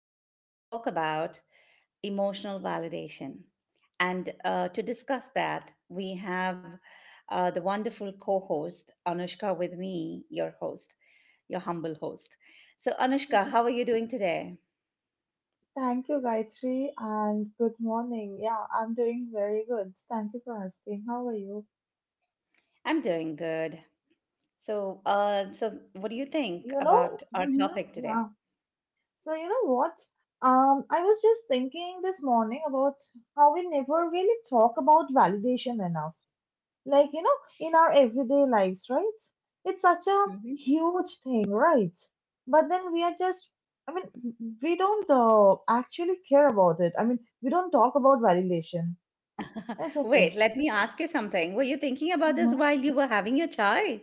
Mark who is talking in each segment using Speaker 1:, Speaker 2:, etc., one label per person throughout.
Speaker 1: we are going to talk about emotional validation. And to discuss that, we have the wonderful co host, Anushka, with me, your host, your humble host. So, Anushka, how are you doing today?
Speaker 2: Thank you, Gayatri, and good morning. Yeah, I'm doing very good. Thank you for asking. How are you?
Speaker 1: I'm doing good. So, so what do you think
Speaker 2: You
Speaker 1: about
Speaker 2: know,
Speaker 1: our
Speaker 2: hmm
Speaker 1: topic today?
Speaker 2: yeah. So, you know what? I was just thinking this morning about how we never really talk about validation enough. Like, you know, in our everyday lives, right? It's such a
Speaker 1: Mhm.
Speaker 2: huge thing, right? But then we are just, I mean, we don't actually care about it. I mean, we don't talk about validation, isn't
Speaker 1: Wait,
Speaker 2: it?
Speaker 1: let me ask you something. Were you thinking about this
Speaker 2: Mm-hmm.
Speaker 1: while you were having your chai?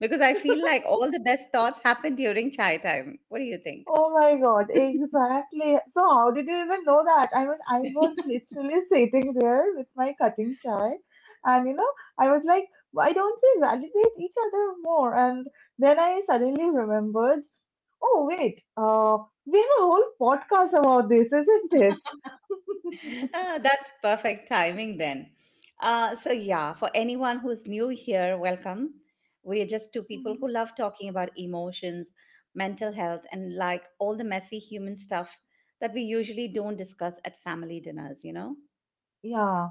Speaker 1: Because I feel like all the best thoughts happen during chai time. What do you think?
Speaker 2: Oh my God, exactly. So, how did you even know that? I mean, I was literally sitting there with my cutting chai, and you know, I was like, why don't we validate each other more? And then I suddenly remembered, oh, wait, we have a whole podcast about this, isn't it?
Speaker 1: Ah, that's perfect timing then. So, yeah, for anyone who's new here, welcome. We're just two people
Speaker 2: Mhm.
Speaker 1: who love talking about emotions, mental health, and like all the messy human stuff that we usually don't discuss at family dinners, you know?
Speaker 2: Yeah,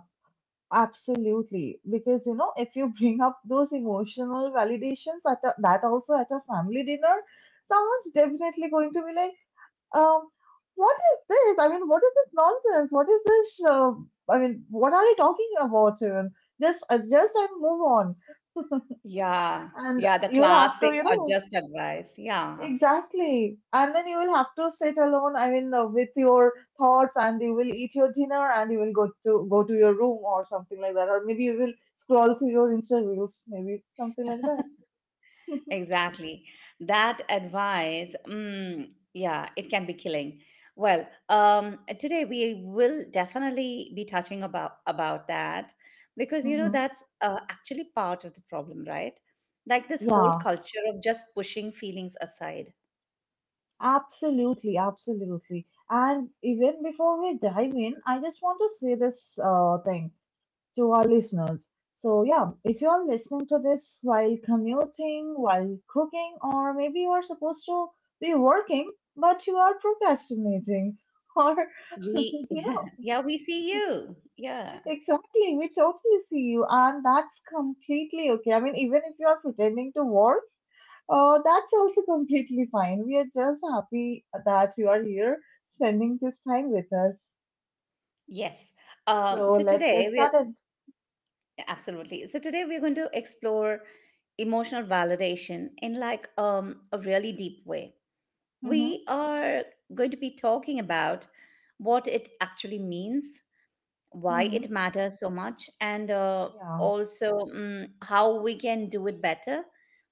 Speaker 2: absolutely. Because you know, if you bring up those emotional validations at a, that also at a family dinner, someone's definitely going to be like, Um, what is this? I mean, what is this nonsense? What is this? I mean, what are you talking about, even? Just adjust and move on.
Speaker 1: Yeah,
Speaker 2: And
Speaker 1: yeah, the
Speaker 2: you'll have to,
Speaker 1: classic
Speaker 2: you
Speaker 1: or
Speaker 2: know,
Speaker 1: just advice. Yeah.
Speaker 2: exactly. And then you will have to sit alone, I mean, with your thoughts and you will eat your dinner and you will go to your room or something like that. Or maybe you will scroll through your Insta reels, maybe something like that.
Speaker 1: Exactly. That advice, mm, yeah, it can be killing. Well, today we will definitely be touching about that because you know
Speaker 2: Hmm.
Speaker 1: that's actually part of the problem, right? Like this whole
Speaker 2: Yeah.
Speaker 1: culture of just pushing feelings aside.
Speaker 2: Absolutely, absolutely. And even before we dive in, I just want to say this thing to our listeners. So, yeah, if you are listening to this while commuting, while cooking, or maybe you are supposed to be working, but you are procrastinating, or
Speaker 1: We,
Speaker 2: you know,
Speaker 1: yeah, we see you. Yeah.
Speaker 2: exactly, we totally see you, and that's completely okay. I mean, even if you are pretending to work, that's also completely fine. We are just happy that you are here spending this time with us.
Speaker 1: Yes.
Speaker 2: So
Speaker 1: So
Speaker 2: let's
Speaker 1: today
Speaker 2: get
Speaker 1: we're
Speaker 2: started.
Speaker 1: absolutely. So today we're going to explore emotional validation in like a really deep way.
Speaker 2: Mm-hmm,
Speaker 1: We are going to be talking about what it actually means, why
Speaker 2: mm-hmm,
Speaker 1: it matters so much, and
Speaker 2: yeah.
Speaker 1: also how we can do it better,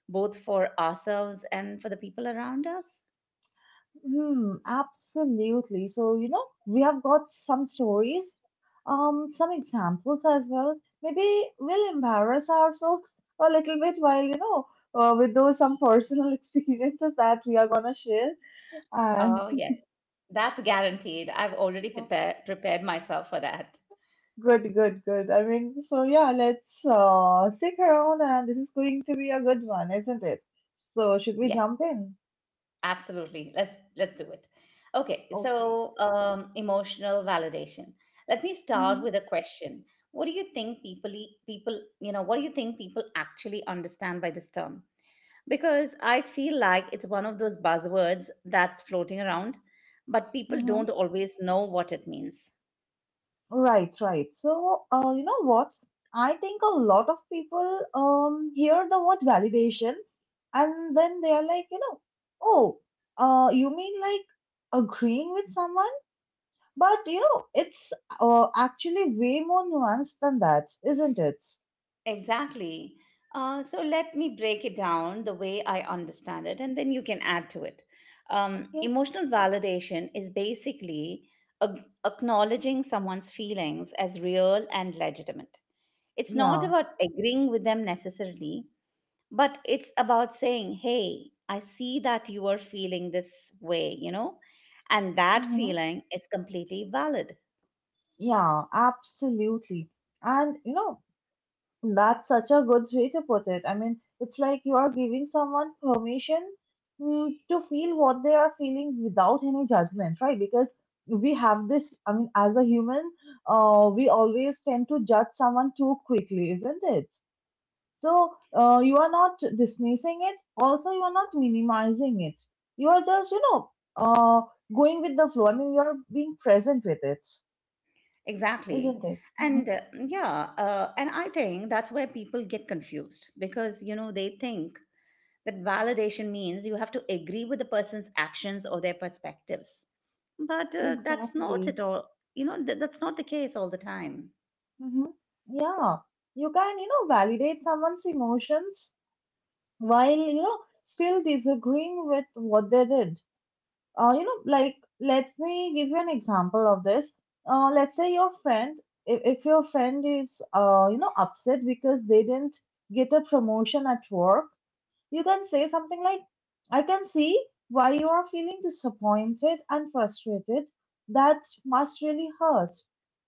Speaker 1: both for ourselves and for the people around us.
Speaker 2: Hmm, absolutely. So, you know, we have got some stories, some examples as well. Maybe we'll embarrass ourselves a little bit while, you know, with those some personal experiences that we are gonna share. And
Speaker 1: Oh, yes. That's guaranteed. I've already prepared myself for that.
Speaker 2: good, good, good. I mean, so yeah, let's stick around, and this is going to be a good one, isn't it? So, should we
Speaker 1: Yes.
Speaker 2: jump in?
Speaker 1: Absolutely. Let's do it. Okay,
Speaker 2: Okay.
Speaker 1: so emotional validation. Let me start
Speaker 2: Mm-hmm.
Speaker 1: with a question. What do you think people e- people you know What do you think people actually understand by this term? Because I feel like it's one of those buzzwords that's floating around, but people
Speaker 2: Mm-hmm.
Speaker 1: don't always know what it means.
Speaker 2: Right, right. So, you know what? I think a lot of people hear the word validation, and then they are like, you know, oh, you mean like agreeing with someone? But you know, it's actually way more nuanced than that, isn't it?
Speaker 1: Exactly. So let me break it down the way I understand it, and then you can add to it.
Speaker 2: Okay.
Speaker 1: Emotional validation is basically a- acknowledging someone's feelings as real and legitimate. It's not
Speaker 2: Yeah.
Speaker 1: about agreeing with them necessarily, but it's about saying, hey, I see that you are feeling this way, you know, and that
Speaker 2: Mm-hmm.
Speaker 1: feeling is completely valid.
Speaker 2: Yeah, absolutely. And you know, that's such a good way to put it. I mean, it's like you are giving someone permission to feel what they are feeling without any judgment, right? Because we have this, I mean, as a human, we always tend to judge someone too quickly, isn't it? So, you are not dismissing it, also, you are not minimizing it. You are just, you know, uh, going with the flow. I mean, you are being present with it,
Speaker 1: Exactly.
Speaker 2: isn't it? Mm-hmm.
Speaker 1: And uh, yeah, and I think that's where people get confused because, you know, they think that validation means you have to agree with the person's actions or their perspectives. But that's not
Speaker 2: Exactly.
Speaker 1: at all, you know, that's not the case all the time.
Speaker 2: Hmm. Yeah, you can, you know, validate someone's emotions while, you know, still disagreeing with what they did. You know, like, let me give you an example of this. Let's say your friend, if your friend is, you know, upset because they didn't get a promotion at work, you can say something like, I can see why you are feeling disappointed and frustrated. That must really hurt.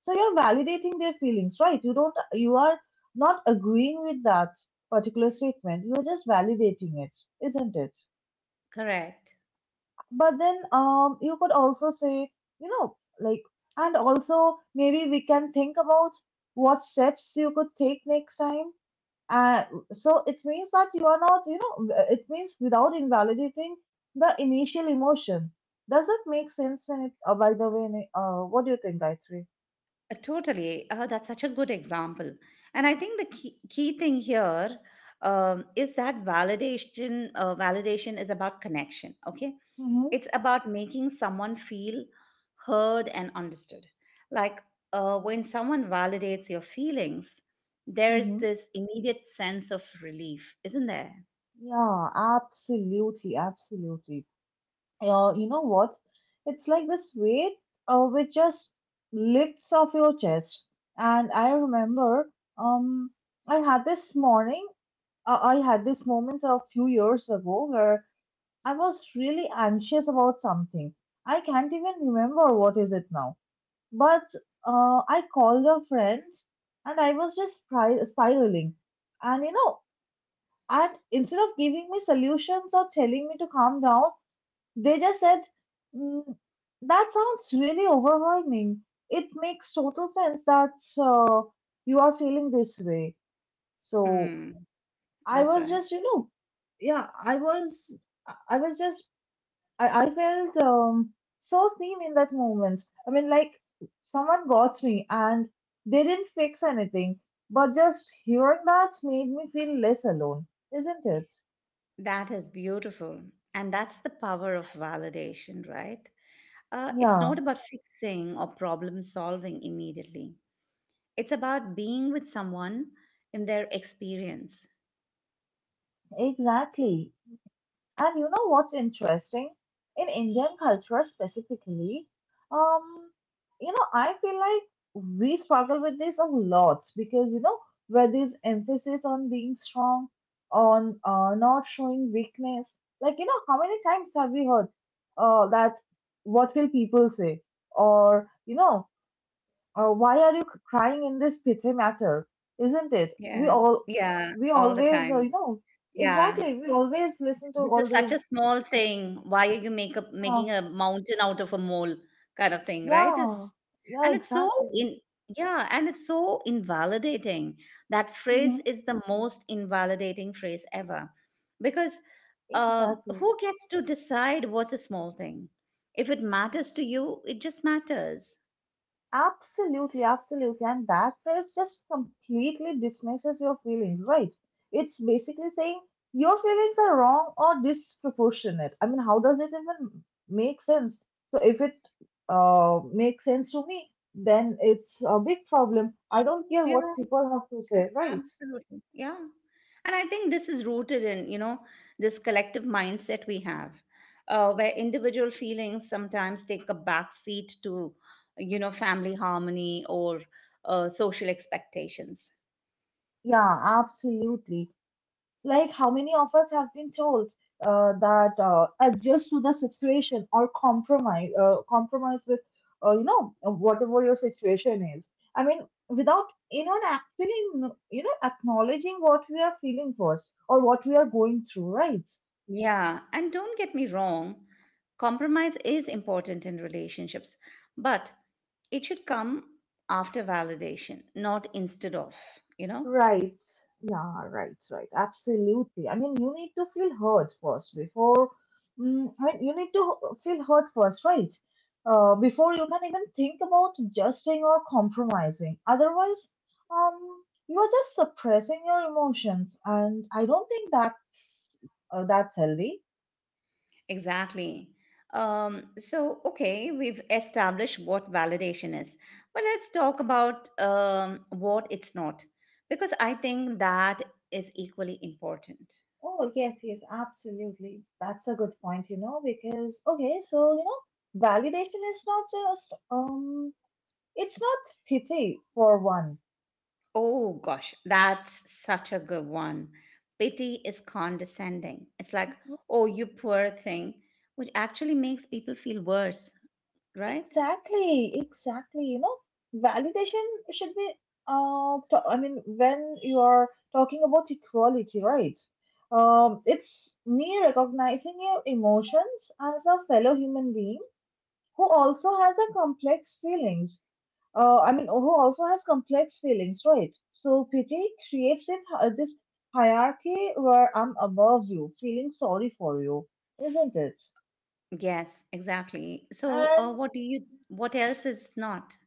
Speaker 2: So you're validating their feelings, right? You don't, you are not agreeing with that particular statement. You're just validating it, isn't it?
Speaker 1: Correct.
Speaker 2: But then, you could also say, you know, like, and also maybe we can think about what steps you could take next time uh, so it means that you are not, you know, it means without invalidating the initial emotion. Does that make sense? In it, by the way, Ni- what do you think, Gayatri?
Speaker 1: Totally. That's such a good example. And I think the key thing here is that validation is about connection. Okay.
Speaker 2: Mm-hmm.
Speaker 1: It's about making someone feel heard and understood. Like when someone validates your feelings, there's
Speaker 2: Mm-hmm.
Speaker 1: this immediate sense of relief, isn't there?
Speaker 2: Yeah, absolutely, absolutely. You know what? It's like this weight which just lifts off your chest. And I remember um, I had this morning, I had this moment a few years ago where I was really anxious about something. I can't even remember what is it now. But I called a friend and I was just spiraling. And you know, and instead of giving me solutions or telling me to calm down, they just said, "Mm, that sounds really overwhelming. It makes total sense that uh, you are feeling this way." So
Speaker 1: Hmm,
Speaker 2: I
Speaker 1: that's
Speaker 2: was
Speaker 1: right.
Speaker 2: just, you know, yeah, I was just I felt so seen in that moment. I mean, like someone got me and they didn't fix anything, but just hearing that made me feel less alone, isn't it?
Speaker 1: That is beautiful. And that's the power of validation, right? It's not
Speaker 2: Yeah,
Speaker 1: about fixing or problem solving immediately. It's about being with someone in their experience.
Speaker 2: exactly. And you know what's interesting? In Indian culture specifically, um, you know, I feel like we struggle with this a lot because, you know, where this emphasis on being strong, on not showing weakness, like, you know, how many times have we heard that what will people say? Or, you know, why are you crying in this petri matter? Isn't it? We
Speaker 1: Yeah.
Speaker 2: all,
Speaker 1: Yeah.
Speaker 2: we
Speaker 1: All the
Speaker 2: always,
Speaker 1: time.
Speaker 2: you know,
Speaker 1: Yeah.
Speaker 2: exactly, we always listen to
Speaker 1: This
Speaker 2: all
Speaker 1: is such a
Speaker 2: these
Speaker 1: small thing. Why are you making
Speaker 2: oh
Speaker 1: a mountain out of a mole kind of thing, right?
Speaker 2: yeah,
Speaker 1: It's,
Speaker 2: yeah,
Speaker 1: and it's so
Speaker 2: exactly.
Speaker 1: in Yeah, and it's so invalidating. That
Speaker 2: Hmm.
Speaker 1: phrase is the most invalidating phrase ever. Because uh,
Speaker 2: Exactly.
Speaker 1: who gets to decide what's a small thing? If it matters to you, it just matters.
Speaker 2: Absolutely, absolutely. And that phrase just completely dismisses your feelings, right? It's basically saying your feelings are wrong or disproportionate. I mean, how does it even make sense? So if it makes sense to me, then it's a big problem. I don't care what
Speaker 1: Yeah.
Speaker 2: people have to say, right?
Speaker 1: Absolutely. Yeah. And I think this is rooted in, you know, this collective mindset we have, where individual feelings sometimes take a backseat to, you know, family harmony or social expectations.
Speaker 2: Yeah, absolutely. Like, how many of us have been told that adjust to the situation or compromise, compromise with, you know, whatever your situation is. I mean, without, you know, actually, you know, acknowledging what we are feeling first or what we are going through, right?
Speaker 1: Yeah, and don't get me wrong, compromise is important in relationships, but it should come after validation, not instead of, you know?
Speaker 2: Right. Yeah, right, right. Absolutely. I mean, you need to feel hurt first before, I mean, you need to feel hurt first, right? Before you can even think about adjusting or compromising. Otherwise, um, you are just suppressing your emotions, and I don't think that's healthy.
Speaker 1: Exactly. So, okay, we've established what validation is, but let's talk about what it's not, because I think that is equally important.
Speaker 2: Oh, yes, yes, absolutely. That's a good point, you know, because okay, so you know, validation is not just it's not pity for one.
Speaker 1: Oh gosh, that's such a good one. Pity is condescending. It's like, oh, you poor thing, which actually makes people feel worse, right?
Speaker 2: Exactly, exactly. You know, validation should be, I mean, when you are talking about equality, right? It's me recognizing your emotions as a fellow human being who also has a complex feelings. I mean, who also has complex feelings, right? So pity creates this, this hierarchy where I'm above you, feeling sorry for you, isn't it?
Speaker 1: Yes, exactly. So,
Speaker 2: And
Speaker 1: what do you? What else is not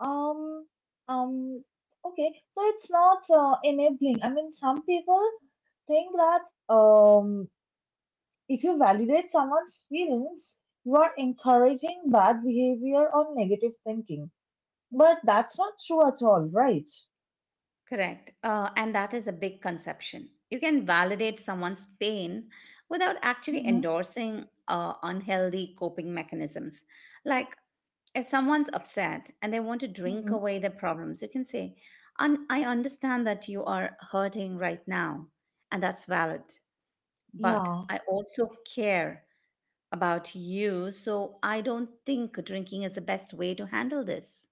Speaker 2: Um, um, okay, so it's not enabling. I mean, some people think that if you validate someone's feelings, you are encouraging bad behavior or negative thinking. But that's not true at all, right?
Speaker 1: correct? And that is a big conception. You can validate someone's pain without actually
Speaker 2: Mm-hmm.
Speaker 1: endorsing unhealthy coping mechanisms, like if someone's upset and they want to drink
Speaker 2: Mm-hmm.
Speaker 1: away their problems, you can say, I understand that you are hurting right now, and that's valid, but
Speaker 2: Yeah.
Speaker 1: I also care about you, so I don't think drinking is the best way to handle this.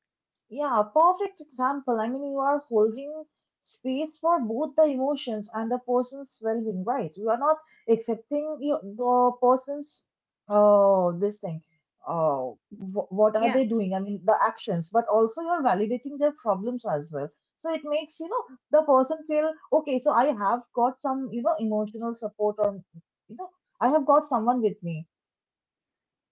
Speaker 2: Yeah, perfect example. I mean, you are holding space for both the emotions and the person's well-being, right? You are not accepting your, the person's this thing. Uh, what are
Speaker 1: Yeah.
Speaker 2: they doing? I mean, the actions, but also you're validating their problems as well. So it makes, you know, the person feel, okay, so I have got some, you know, emotional support or, you know, I have got someone with me.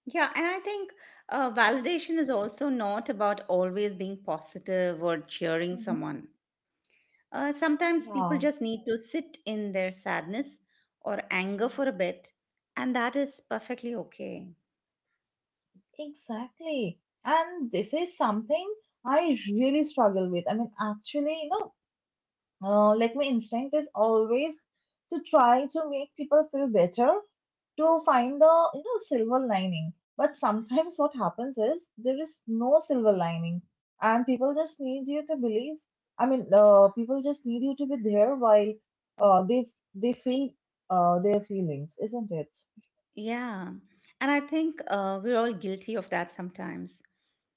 Speaker 1: Yeah, and I think validation is also not about always being positive or cheering
Speaker 2: Hmm.
Speaker 1: someone. Sometimes people
Speaker 2: Yeah.
Speaker 1: just need to sit in their sadness or anger for a bit, and that is perfectly okay.
Speaker 2: Exactly. And this is something I really struggle with. I mean, actually, you know, like my instinct is always to try to make people feel better, to find the, you know, silver lining. But sometimes what happens is there is no silver lining, and people just need you to believe. I mean, people just need you to be there while uh, they they feel their feelings, isn't it?
Speaker 1: Yeah. And I think we're all guilty of that sometimes.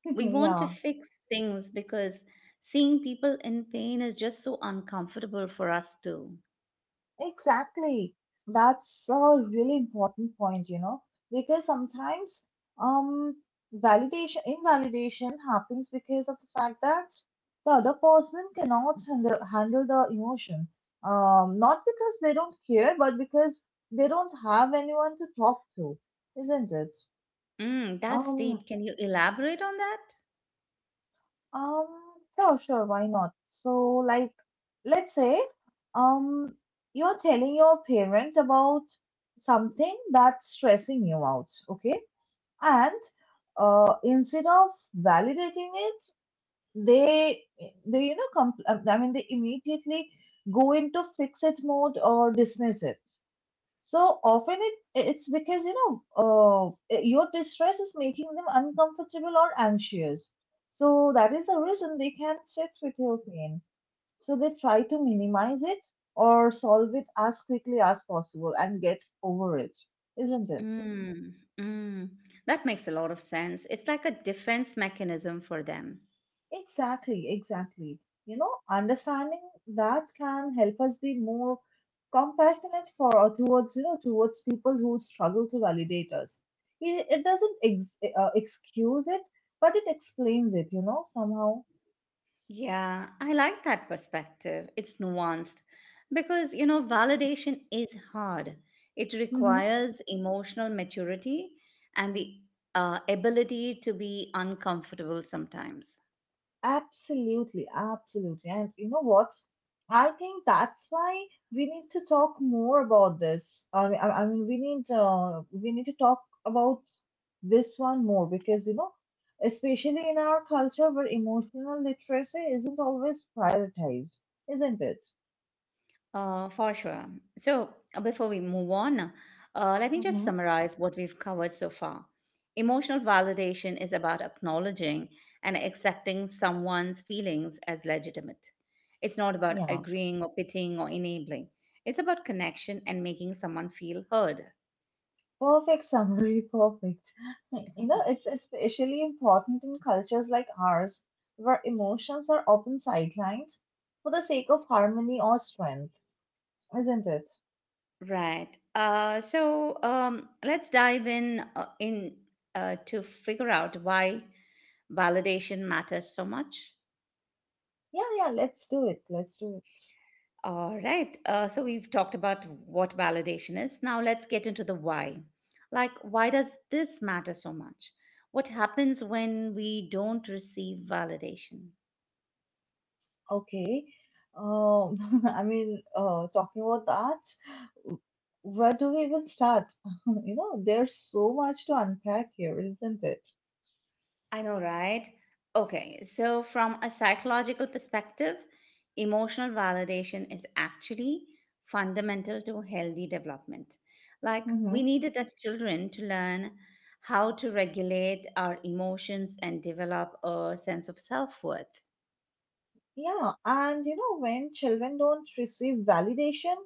Speaker 1: We want to
Speaker 2: Yeah.
Speaker 1: fix things because seeing people in pain is just so uncomfortable for us too.
Speaker 2: Exactly. That's a really important point, you know, because sometimes um validation invalidation happens because of the fact that the other person cannot handle the emotion. Not because they don't care, but because they don't have anyone to talk to, isn't it?
Speaker 1: Mm, that's deep.
Speaker 2: Um,
Speaker 1: Can you elaborate on that?
Speaker 2: Um, sure, sure, why not? So, like, let's say, um, you're telling your parent about something that's stressing you out, okay? And instead of validating it, they, they you know, I mean, they immediately go into fix it mode or dismiss it. So often it it's because you know your distress is making them uncomfortable or anxious. So that is the reason they can't sit with your pain. So they try to minimize it or solve it as quickly as possible and get over it, isn't it?
Speaker 1: Mm, mm. That makes a lot of sense. It's like a defense mechanism for them.
Speaker 2: Exactly, exactly. You know, understanding that can help us be more compassionate for or towards, you know, towards people who struggle to validate us. It doesn't excuse it, but it explains it, you know, somehow.
Speaker 1: Yeah, I like that perspective. It's nuanced because, you know, validation is hard. It
Speaker 2: Mm-hmm.
Speaker 1: requires emotional maturity and the ability to be uncomfortable sometimes.
Speaker 2: Absolutely, absolutely. And you know what? I think that's why we need to talk more about this. I mean, we need to talk about this one more because you know, especially in our culture where emotional literacy isn't always prioritized, isn't it?
Speaker 1: For sure. So, before we move on, let me just
Speaker 2: Hmm.
Speaker 1: summarize what we've covered so far. Emotional validation is about acknowledging and accepting someone's feelings as legitimate. It's not about
Speaker 2: Yeah.
Speaker 1: agreeing or pitying or enabling, it's about connection and making someone feel heard.
Speaker 2: Perfect summary, perfect. You know, it's especially important in cultures like ours, where emotions are often sidelined for the sake of harmony or strength, isn't it?
Speaker 1: Right. So, let's dive in, to figure out why validation matters so much.
Speaker 2: Yeah, yeah, let's do it. Let's do it.
Speaker 1: All right. So we've talked about what validation is. Now let's get into the why. Like, why does this matter so much? What happens when we don't receive validation?
Speaker 2: Okay. Talking about that, w- where do we even start? You know, there's so much to unpack here, isn't it?
Speaker 1: I know, right? Okay. So, from a psychological perspective, emotional validation is actually fundamental to healthy development. Like, we
Speaker 2: Mm-hmm.
Speaker 1: need it as children to learn how to regulate our emotions and develop a sense of self worth.
Speaker 2: Yeah, and you know, when children don't receive validation,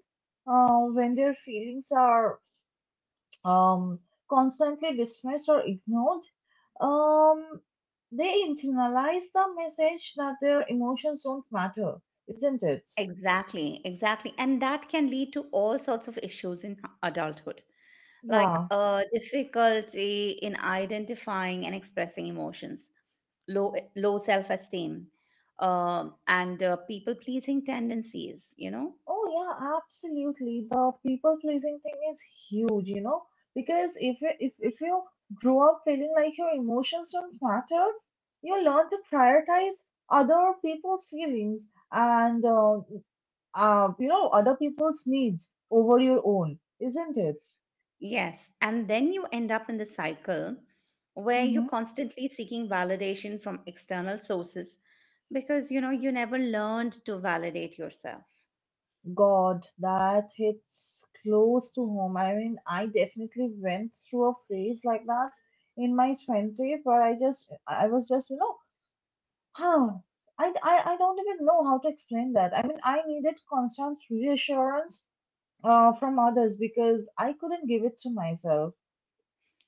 Speaker 2: when their feelings are um, constantly dismissed or ignored, um, they internalize the message that their emotions don't matter, isn't it?
Speaker 1: Exactly, exactly. And that can lead to all sorts of issues in adulthood, like
Speaker 2: Yeah.
Speaker 1: difficulty in identifying and expressing emotions, low self-esteem, and people-pleasing tendencies, you know?
Speaker 2: Oh yeah, absolutely. The people pleasing thing is huge, you know, because if you grow up feeling like your emotions don't matter, you learn to prioritize other people's feelings and you know other people's needs over your own, isn't it?
Speaker 1: Yes. And then you end up in the cycle where you're
Speaker 2: Mm-hmm.
Speaker 1: constantly seeking validation from external sources because, you know, you never learned to validate yourself.
Speaker 2: God, that hits close to home. I mean, I definitely went through a phase like that in my twenties, but I just, I was just, you know, huh. I don't even know how to explain that. I mean, I needed constant reassurance from others because I couldn't give it to myself.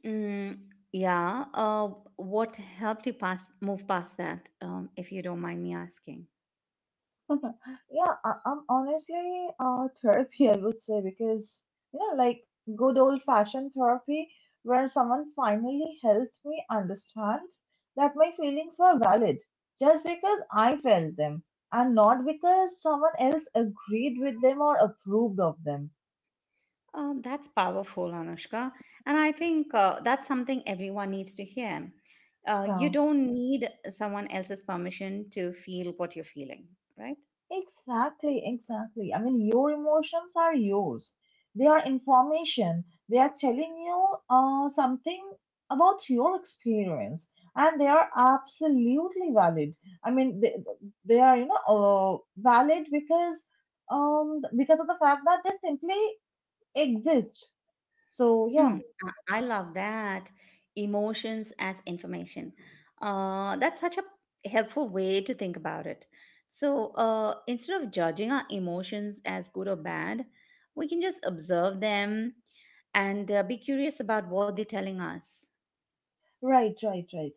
Speaker 1: Mm, yeah. What helped you pass move past that, if you don't mind me asking?
Speaker 2: Yeah, I'm honestly therapy, I would say, because, you know, like good old fashioned therapy where someone finally helped me understand that my feelings were valid just because I felt them and not because someone else agreed with them or approved of them.
Speaker 1: That's powerful, Anushka, and I think that's something everyone needs to hear. You
Speaker 2: Yeah.
Speaker 1: don't need someone else's permission to feel what you're feeling, right?
Speaker 2: Exactly, exactly. I mean, your emotions are yours. They are information. They are telling you something about your experience, and they are absolutely valid. I mean, they, they are you know valid because of the fact that they simply exist. So yeah,
Speaker 1: Hmm. I love that. Emotions as information. That's such a helpful way to think about it. So instead of judging our emotions as good or bad, we can just observe them and be curious about what they're telling us.
Speaker 2: right, right, right.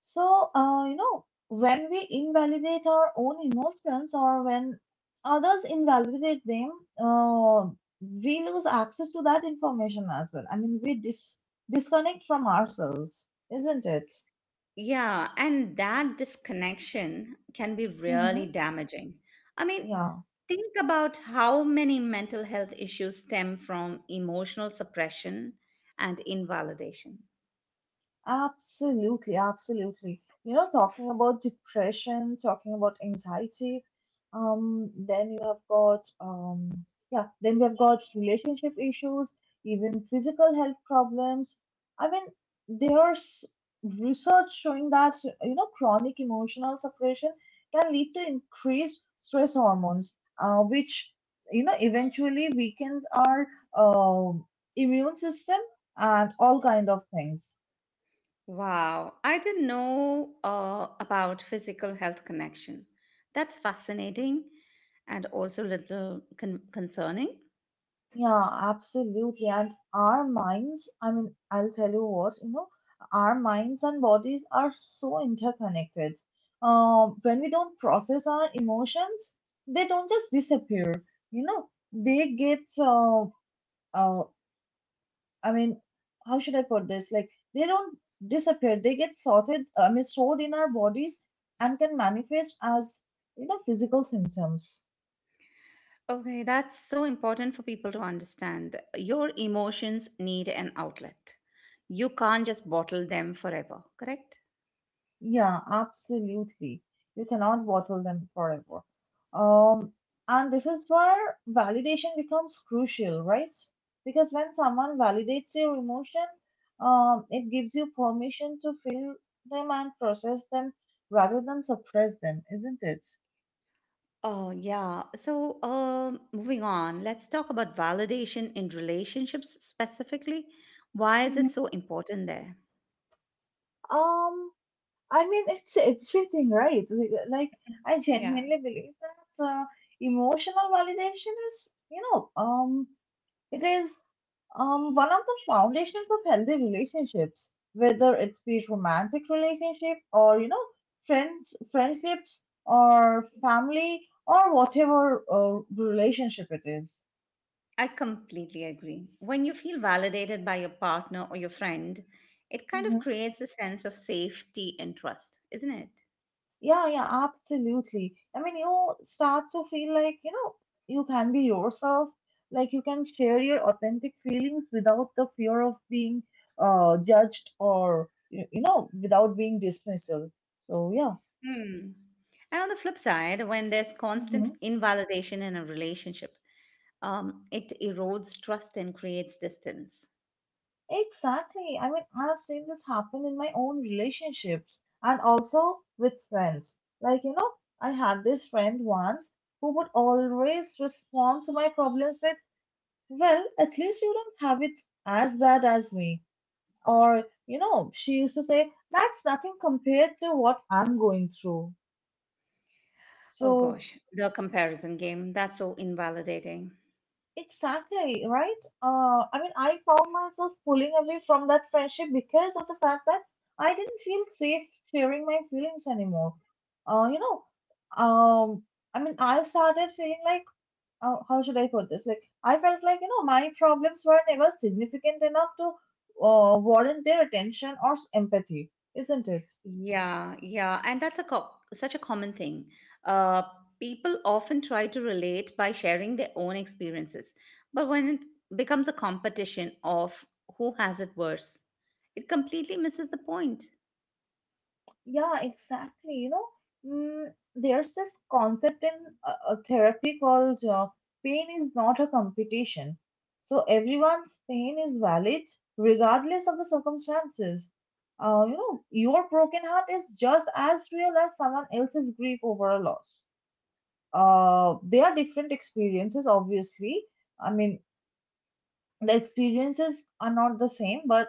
Speaker 2: So, you know, when we invalidate our own emotions or when others invalidate them, uh, we lose access to that information as well. I mean, disconnect from ourselves, isn't it?
Speaker 1: Yeah, and that disconnection can be really
Speaker 2: Mm-hmm.
Speaker 1: damaging. I mean,
Speaker 2: Yeah.
Speaker 1: think about how many mental health issues stem from emotional suppression and invalidation.
Speaker 2: Absolutely, absolutely. You know, talking about depression, talking about anxiety, then you have got, yeah, then we have got relationship issues, even physical health problems. I mean, there's research showing that, you know, chronic emotional suppression can lead to increased stress hormones, which, you know, eventually weakens our um immune system and all kind of things.
Speaker 1: Wow, I didn't know about physical health connection. That's fascinating and also a little concerning.
Speaker 2: Yeah, absolutely. And our minds, I mean, I'll tell you what, you know, our minds and bodies are so interconnected. When we don't process our emotions, they don't just disappear, you know, uh, I mean, how should I put this? Like, they don't disappear, they get sorted, I mean, stored in our bodies and can manifest as, you know, physical symptoms.
Speaker 1: Okay, that's so important for people to understand. Your emotions need an outlet. You can't just bottle them forever, correct?
Speaker 2: Yeah, absolutely. You cannot bottle them forever. Um, and this is where validation becomes crucial, right? Because when someone validates your emotion, it gives you permission to feel them and process them rather than suppress them, isn't it?
Speaker 1: Oh, yeah. So, moving on, let's talk about validation in relationships specifically. Why is
Speaker 2: Hmm.
Speaker 1: it so important there?
Speaker 2: Um, I mean, it's everything, right? Like, I
Speaker 1: Yeah.
Speaker 2: genuinely believe that emotional validation is, you know, it is one of the foundations of healthy relationships, whether it be romantic relationship or you know friendships or family or whatever relationship it is.
Speaker 1: I completely agree. When you feel validated by your partner or your friend, it kind
Speaker 2: Hmm.
Speaker 1: of creates a sense of safety and trust, isn't it?
Speaker 2: Yeah, yeah, absolutely. I mean, you start to feel like, you know, you can be yourself, like you can share your authentic feelings without the fear of being judged or you know, without being dismissal. So
Speaker 1: Hmm. And on the flip side, when there's
Speaker 2: yeah.
Speaker 1: constant invalidation in a relationship, it erodes trust and creates distance.
Speaker 2: Exactly. I mean, I've seen this happen in my own relationships and also with friends. Like, you know, I had this friend once who would always respond to my problems with, well, at least you don't have it as bad as me. Or, you know, she used to say, that's nothing compared to what I'm going through.
Speaker 1: Oh
Speaker 2: So
Speaker 1: gosh, the comparison game, that's so invalidating.
Speaker 2: exactly, right? I mean, I found myself pulling away from that friendship because of the fact that I didn't feel safe sharing my feelings anymore. You know, um, I mean, I started feeling like, how should I put this? Like, I felt like, you know, my problems were never significant enough to warrant their attention or empathy, isn't it?
Speaker 1: Yeah, yeah, and that's a such a common thing. Uh, people often try to relate by sharing their own experiences, but when it becomes a competition of who has it worse, it completely misses the point.
Speaker 2: Yeah, exactly. You know, mm, there's this concept in therapy called pain is not a competition. So everyone's pain is valid regardless of the circumstances. You know, your broken heart is just as real as someone else's grief over a loss. They are different experiences, obviously. I mean, the experiences are not the same, but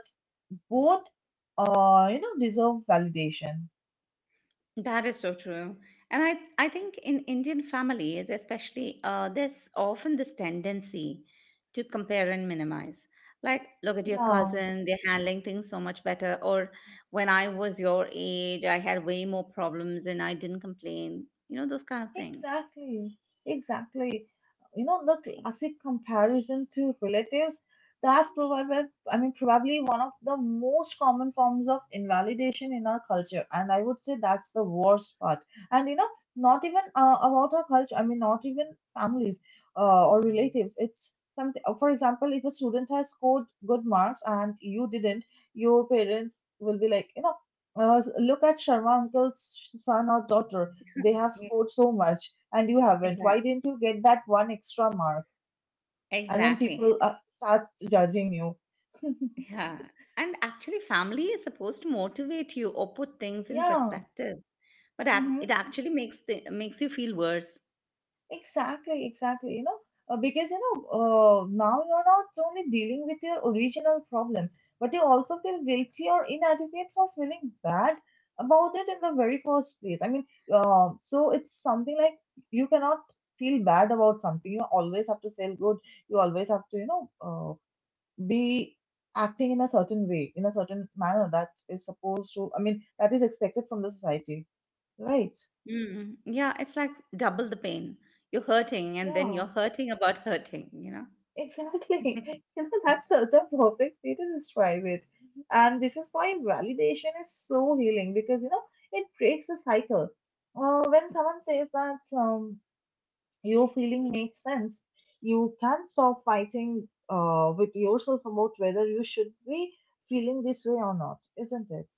Speaker 2: both, you know, deserve validation.
Speaker 1: That is so true. And I think in Indian families, especially, there's often this tendency to compare and minimize. Like, look at your
Speaker 2: Yeah.
Speaker 1: cousin, they're handling things so much better. Or when I was your age, I had way more problems and I didn't complain. You know, those kind of things.
Speaker 2: Exactly, exactly. You know, the classic comparison to relatives, that's probably, I mean, probably one of the most common forms of invalidation in our culture. And I would say that's the worst part. And, you know, not even about our culture, I mean, not even families or relatives. It's something, for example, if a student has scored good marks and you didn't, your parents will be like, you know, look at Sharma uncle's son or daughter they have
Speaker 1: Yeah,
Speaker 2: scored so much and you haven't.
Speaker 1: yeah
Speaker 2: Why didn't you get that one extra mark? And then people
Speaker 1: exactly.
Speaker 2: start judging you.
Speaker 1: Yeah. And actually, family is supposed to motivate you or put things in
Speaker 2: Yeah,
Speaker 1: perspective, but
Speaker 2: hmm
Speaker 1: it actually makes you feel worse.
Speaker 2: exactly, exactly. You know, because you know, now you're not only dealing with your original problem, but you also feel guilty or inadequate for feeling bad about it in the very first place. I mean, so it's something like you cannot feel bad about something. You always have to feel good. You always have to, you know, be acting in a certain way, in a certain manner that is supposed to, I mean, that is expected from the society, right?
Speaker 1: Mm, yeah, it's like double the pain. You're hurting, and then
Speaker 2: Yeah,
Speaker 1: you're hurting about hurting, you
Speaker 2: exactly.
Speaker 1: know?
Speaker 2: You know, that's such a perfect way to describe it. And this is why validation is so healing because, you know, it breaks the cycle. When someone says that your feeling makes sense, you can stop fighting with yourself about whether you should be feeling this way or not, isn't it?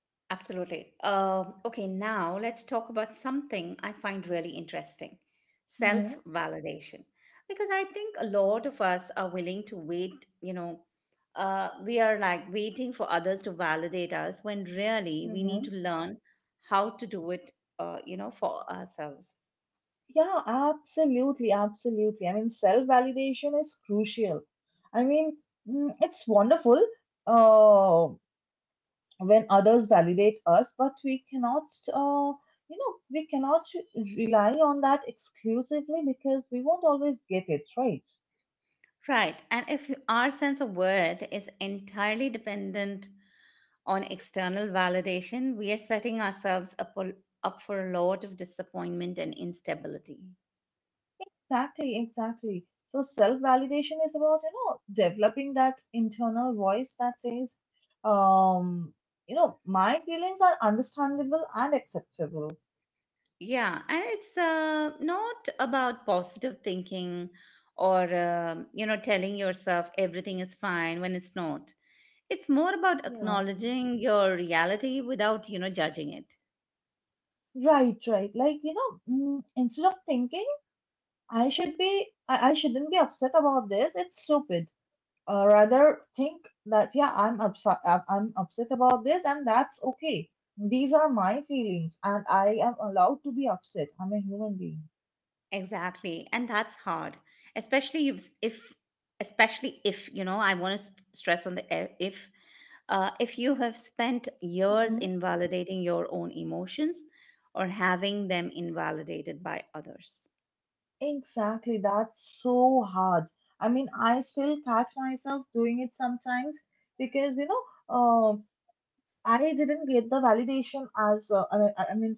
Speaker 1: Absolutely. Okay, now let's talk about something I find really interesting self validation. Because I think a lot of us are willing to wait, you know, we are like waiting for others to validate us when really we need
Speaker 2: Mm-hmm.
Speaker 1: to learn how to do it, you know, for ourselves.
Speaker 2: Yeah, absolutely, absolutely. I mean, self-validation is crucial. I mean, it's wonderful uh, when others validate us, but we cannot, uh, you know, we cannot rely on that exclusively because we won't always get it right.
Speaker 1: Right. And if our sense of worth is entirely dependent on external validation, we are setting ourselves up for a lot of disappointment and instability.
Speaker 2: Exactly, exactly. So self-validation is about, you know, developing that internal voice that says, um, you know, my feelings are understandable and acceptable.
Speaker 1: Yeah, and it's not about positive thinking or, you know, telling yourself everything is fine when it's not. It's more about
Speaker 2: Yeah.
Speaker 1: acknowledging your reality without, judging it.
Speaker 2: Right, right. Like, you know, instead of thinking I shouldn't be upset about this, it's stupid. Rather think that, yeah, I'm upset about this and that's okay. These are my feelings and I am allowed to be upset. I'm a human
Speaker 1: Exactly. And that's hard, especially if especially if, I want to stress on the if you have spent years
Speaker 2: being.
Speaker 1: invalidating your own emotions or having them invalidated by others.
Speaker 2: Exactly, that's so hard. I mean, I still catch myself doing it sometimes because, you know, I didn't get the validation as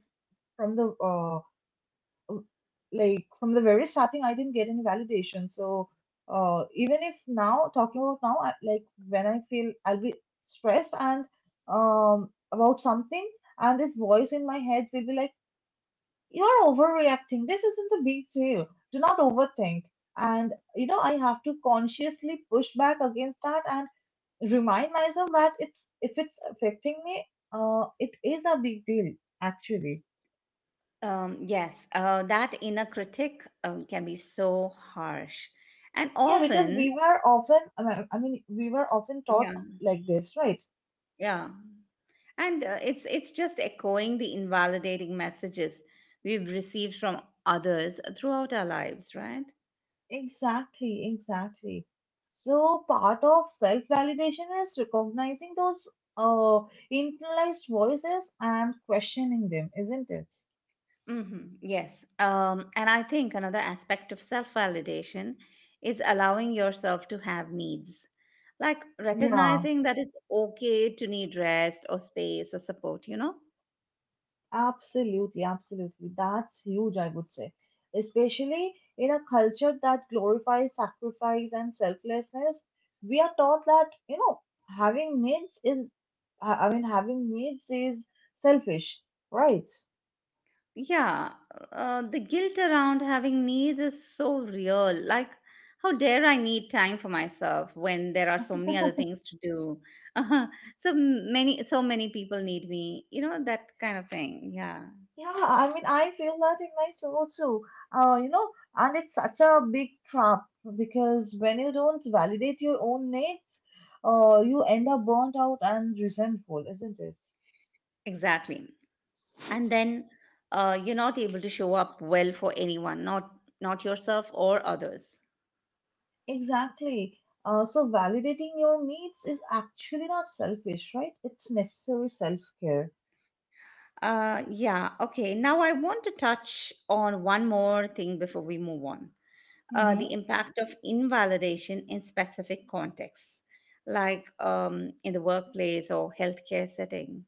Speaker 2: from the uh, like from the very starting, I didn't get any validation. So even if now talking about now, like when I feel I'll be stressed and about something, and this voice in my head will be like you're overreacting. This isn't a big deal. Do not overthink. And, you know, I have to consciously push back against that and remind myself that it's, if it's affecting me, it is a big deal, actually.
Speaker 1: Yes, that inner critic can be so harsh, and
Speaker 2: Yeah, because
Speaker 1: often,
Speaker 2: we were often, we were often taught
Speaker 1: yeah,
Speaker 2: like this, right?
Speaker 1: yeah, and it's just echoing the invalidating messages we've received from others throughout our lives, right?
Speaker 2: Exactly, exactly. So part of self-validation is recognizing those uh, internalized voices and questioning them, isn't it?
Speaker 1: Mm-hmm. Yes. And I think another aspect of self validation is allowing yourself to have needs, like
Speaker 2: Yeah.
Speaker 1: recognizing that it's okay to need rest or space or support, you know?
Speaker 2: Absolutely, absolutely. That's huge, I would say. Especially in a culture that glorifies sacrifice and selflessness, we are taught that, you know, having needs is, having needs is selfish, right?
Speaker 1: Yeah, the guilt around having needs is so real. Like, how dare I need time for myself when there are so many other things to do? So many, so many people need me. You know that kind of thing. Yeah,
Speaker 2: Yeah, I mean, I feel that in my soul too. You know, and it's such a big trap because when you don't validate your own needs, you end up burnt out and resentful, isn't it?
Speaker 1: exactly. And then you're not able to show up well for anyone, not yourself or others.
Speaker 2: Exactly. So validating your needs is actually not selfish, right? It's necessary self-care.
Speaker 1: Yeah. Okay. Now I want to touch on one more thing before we move on, the
Speaker 2: Hmm.
Speaker 1: impact of invalidation in specific contexts, like in the workplace or healthcare setting.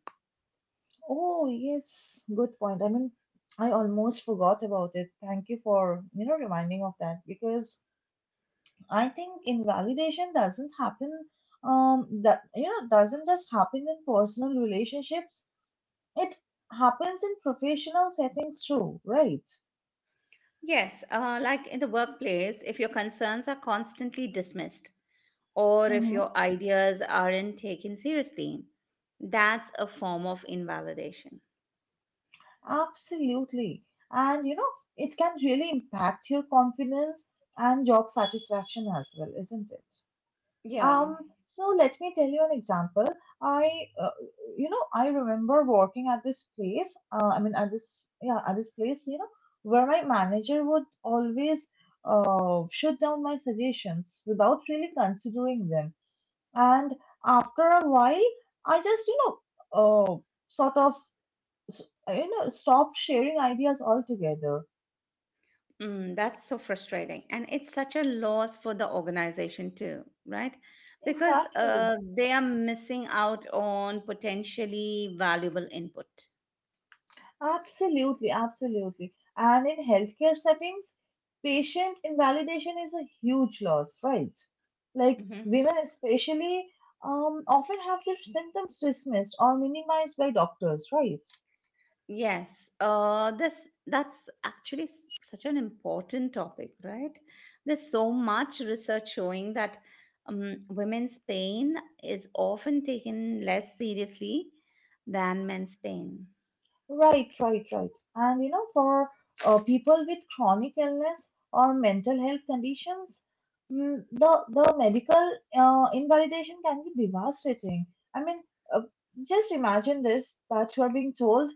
Speaker 2: Oh, yes, good point. I mean, I almost forgot about it. Thank you for, you know, reminding of that because I think invalidation doesn't happen, that, you know, doesn't just happen in personal relationships. It happens in professional settings too, right?
Speaker 1: Yes, like in the workplace, if your concerns are constantly dismissed or if your ideas aren't taken seriously, that's a form of invalidation.
Speaker 2: Absolutely. And you know, it can really impact your confidence and job satisfaction as well, isn't it?
Speaker 1: Yeah.
Speaker 2: Um, so let me tell you an example. I, uh, you know, I remember working at this place. At this, yeah, at this place, where my manager would always shut down my suggestions without really considering them. And after a while, I just, uh, sort of s- stop sharing ideas altogether.
Speaker 1: Mm, that's so frustrating. And it's such a loss for the organization, too, right? Because
Speaker 2: Exactly.
Speaker 1: they are missing out on potentially valuable input.
Speaker 2: Absolutely, absolutely. And in healthcare settings, patient invalidation is a huge loss, right? Like,
Speaker 1: Hmm.
Speaker 2: women especially often have their symptoms dismissed or minimized by doctors, right?
Speaker 1: Yes, this that's actually such an important topic, right? There's so much research showing that women's pain is often taken less seriously than men's pain.
Speaker 2: Right, right, right. And you know, for people with chronic illness or mental health conditions, mm, the medical invalidation can be devastating. I mean, uh, just imagine this, that you are being told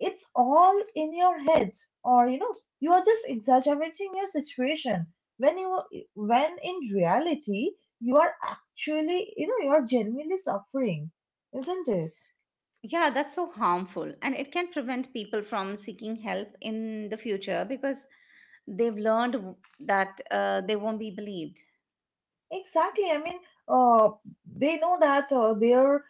Speaker 2: it's all in your head, or you know, you are just exaggerating your situation. When you when in reality you are actually, you know, you are genuinely suffering, isn't it?
Speaker 1: Yeah, that's so harmful, and it can prevent people from seeking help in the future because they've learned that they won't be believed.
Speaker 2: Exactly. I mean, uh, they know that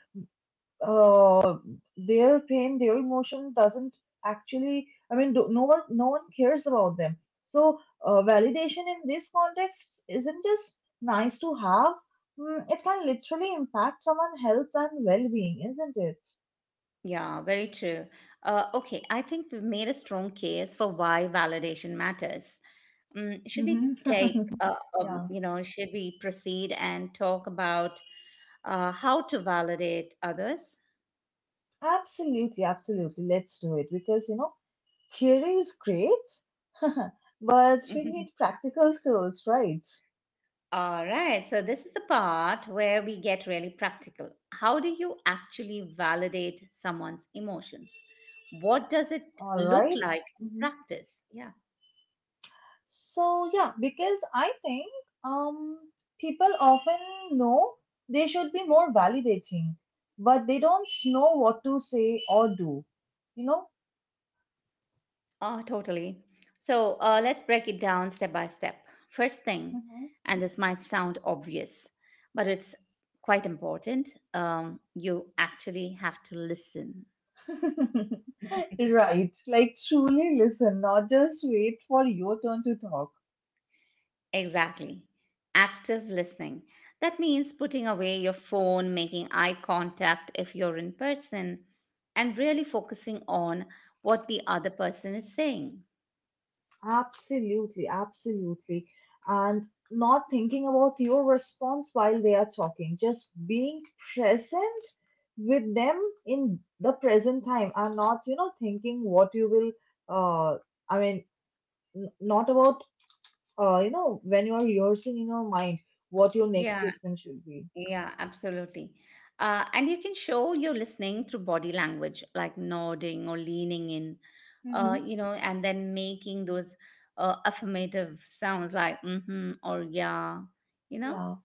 Speaker 2: uh, their pain, their emotion doesn't actually. I mean, no one cares about them. So validation in this context isn't just nice to have. Mm, it can literally impact someone's health and well-being, isn't it?
Speaker 1: Yeah, very true. Okay, I think we've made a strong case for why validation matters. Should we
Speaker 2: Mhm.
Speaker 1: take,
Speaker 2: Yeah,
Speaker 1: should we proceed and talk about how to validate others?
Speaker 2: absolutely, absolutely. Let's do it, because you know, theory is great, but we
Speaker 1: Mhm.
Speaker 2: need practical tools, right?
Speaker 1: All right, so this is the part where we get really practical. How do you actually validate someone's emotions? What does it
Speaker 2: All
Speaker 1: look
Speaker 2: right.
Speaker 1: like in
Speaker 2: Mhm.
Speaker 1: practice? Yeah.
Speaker 2: So yeah, because I think um people often know they should be more validating, but they don't know what to say or do. You know?
Speaker 1: Oh, totally. So let's break it down step by step. First thing,
Speaker 2: Mhm.
Speaker 1: and this might sound obvious, but it's quite important, you actually have to listen.
Speaker 2: Right. Like, truly listen, not just wait for your turn to talk.
Speaker 1: Exactly. Active listening. That means putting away your phone, making eye contact if you're in person, and really focusing on what the other person is saying.
Speaker 2: Absolutely, absolutely. And not thinking about your response while they are talking, just being present with them in the present time, and not, you know, thinking what you will, uh, I mean, not about, you know, when you are rehearsing in your mind what your next
Speaker 1: Yeah,
Speaker 2: statement should be.
Speaker 1: Yeah, absolutely. And you can show you're listening through body language, like nodding or leaning in,
Speaker 2: Hmm.
Speaker 1: and then making those affirmative sounds like mm-hmm or yeah, you know,
Speaker 2: Yeah.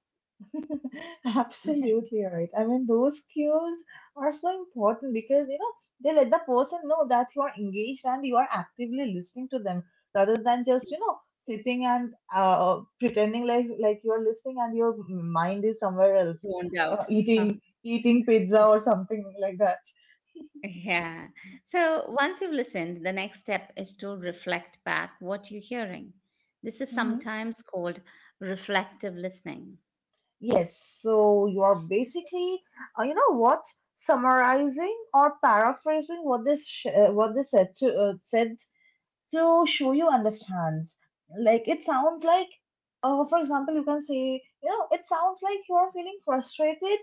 Speaker 2: Absolutely right. I mean, those cues are so important because you know, they let the person know that you are engaged and you are actively listening to them, rather than just, you know, sitting and pretending like you are listening and your mind is somewhere else,
Speaker 1: zoned out. Huh.
Speaker 2: eating pizza or something like that.
Speaker 1: Yeah. So once you've listened, the next step is to reflect back what you're hearing. This is
Speaker 2: Hmm.
Speaker 1: sometimes called reflective listening.
Speaker 2: Yes, so you are basically, you know what, summarizing or paraphrasing what they said, to said to show you understands. Like, it sounds like, for example, you can say, you know, it sounds like you're feeling frustrated,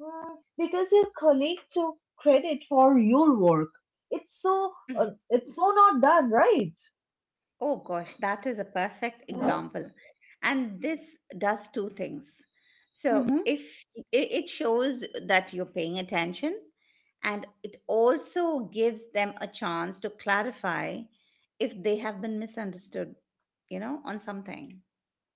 Speaker 2: mm, because your colleague took credit for your work. It's so, it's so not done, right?
Speaker 1: Oh gosh, that is a perfect example. And this does two things. So
Speaker 2: Mm-hmm.
Speaker 1: if it shows that you're paying attention, and it also gives them a chance to clarify if they have been misunderstood, you know, on something.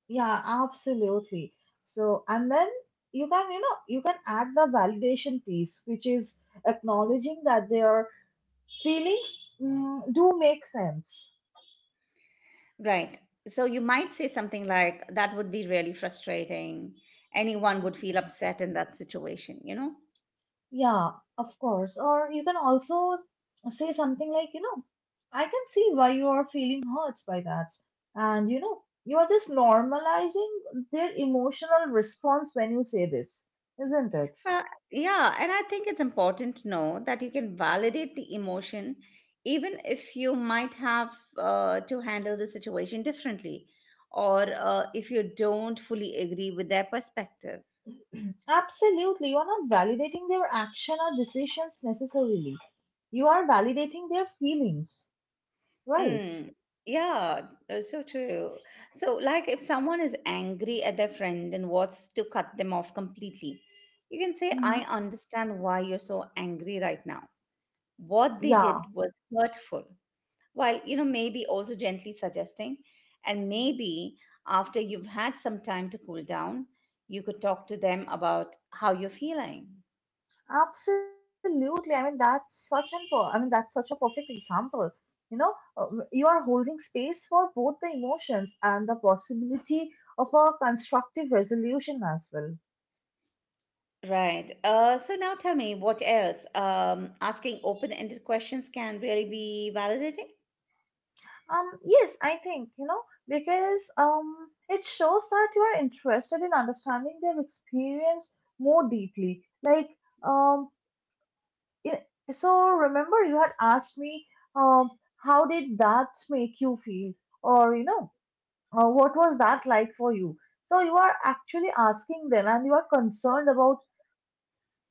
Speaker 2: Yeah, absolutely. So, and then you can, you know, you can add the validation piece, which is acknowledging that their feelings, mm, do make sense.
Speaker 1: Right. So you might say something like, that would be really frustrating. Anyone would feel upset in that situation, you know?
Speaker 2: Yeah, of course. Or you can also say something like, you know, I can see why you are feeling hurt by that. And, you know, you are just normalizing their emotional response when you say this, isn't it?
Speaker 1: Uh, yeah, and I think it's important to know that you can validate the emotion, even if you might have to handle the situation differently, or if you don't fully agree with their perspective.
Speaker 2: Absolutely. You are not validating their action or decisions necessarily. You are validating their feelings, right?
Speaker 1: Mm, yeah, so true. So, like if someone is angry at their friend and wants to cut them off completely, you can say, I
Speaker 2: Mm-hmm.
Speaker 1: understand why you're so angry right now. What they did
Speaker 2: Yeah.
Speaker 1: was hurtful, while you know maybe also gently suggesting, and maybe after you've had some time to cool down you could talk to them about how you're feeling.
Speaker 2: Absolutely. I mean, that's such a perfect example. You know, you are holding space for both the emotions and the possibility of a constructive resolution as well.
Speaker 1: Right. So now tell me what else. Asking open-ended questions can really be validating.
Speaker 2: Yes, I think, you know, because it shows that you are interested in understanding their experience more deeply. Like, um, i- so remember you had asked me, um, how did that make you feel? Or, you know, what was that like for you? So you are actually asking them, and you are concerned about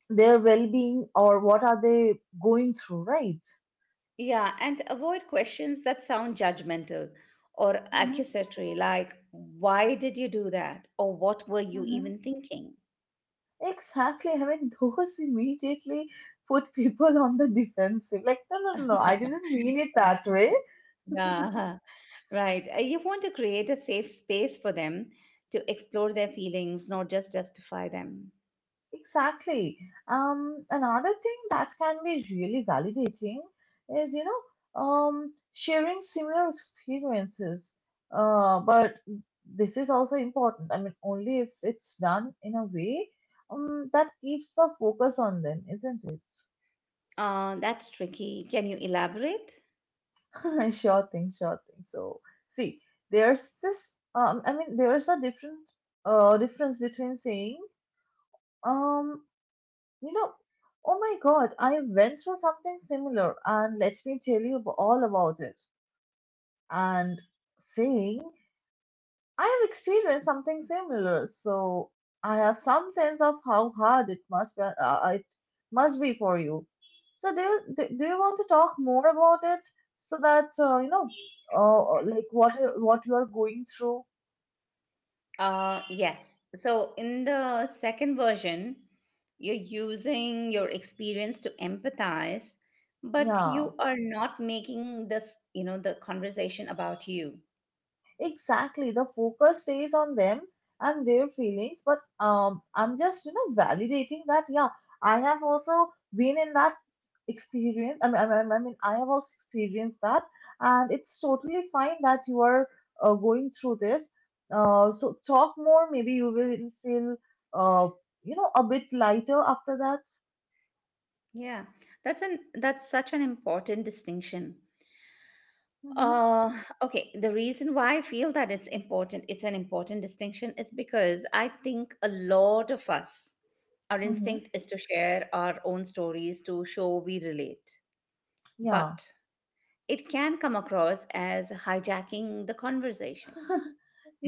Speaker 2: their well-being, or what are they going through, right?
Speaker 1: Yeah, and avoid questions that sound judgmental or
Speaker 2: Hmm.
Speaker 1: accusatory, like, why did you do that? Or what were you
Speaker 2: Hmm.
Speaker 1: even thinking?
Speaker 2: Exactly. I mean, those immediately put people on the defensive. Like, no, no, no, no, I didn't mean it
Speaker 1: Right.
Speaker 2: that way.
Speaker 1: Yeah, right. You want to create a safe space for them to explore their feelings, not just justify them.
Speaker 2: Exactly. Another thing that can be really validating is, you know, sharing similar experiences. But this is also important. I mean, only if it's done in a way, that keeps the focus on them, isn't it?
Speaker 1: That's tricky. Can you elaborate?
Speaker 2: Sure thing, sure thing. So, see, there's this. There's a different difference between saying, um, you know, oh my God, I went through something similar, and let me tell you all about it. And saying, I have experienced something similar, so I have some sense of how hard it must be for you. So do you want to talk more about it, so that, you know, like what you are going through?
Speaker 1: Yes. So in the second version, you're using your experience to empathize, but you
Speaker 2: Yeah.
Speaker 1: are not making this, you know, the conversation about you.
Speaker 2: Exactly. The focus stays on them and their feelings, but I'm just, you know, validating that, yeah, I have also been in that experience. I have also experienced that, and it's totally fine that you are going through this. So talk more. Maybe you will feel, uh, you know, a bit lighter after that.
Speaker 1: Yeah. That's such an important distinction.
Speaker 2: Mm-hmm.
Speaker 1: Uh, okay, the reason why I feel that it's important, it's an important distinction, is because I think a lot of us, our
Speaker 2: Mm-hmm.
Speaker 1: instinct is to share our own stories to show we relate.
Speaker 2: Yeah.
Speaker 1: But it can come across as hijacking the conversation.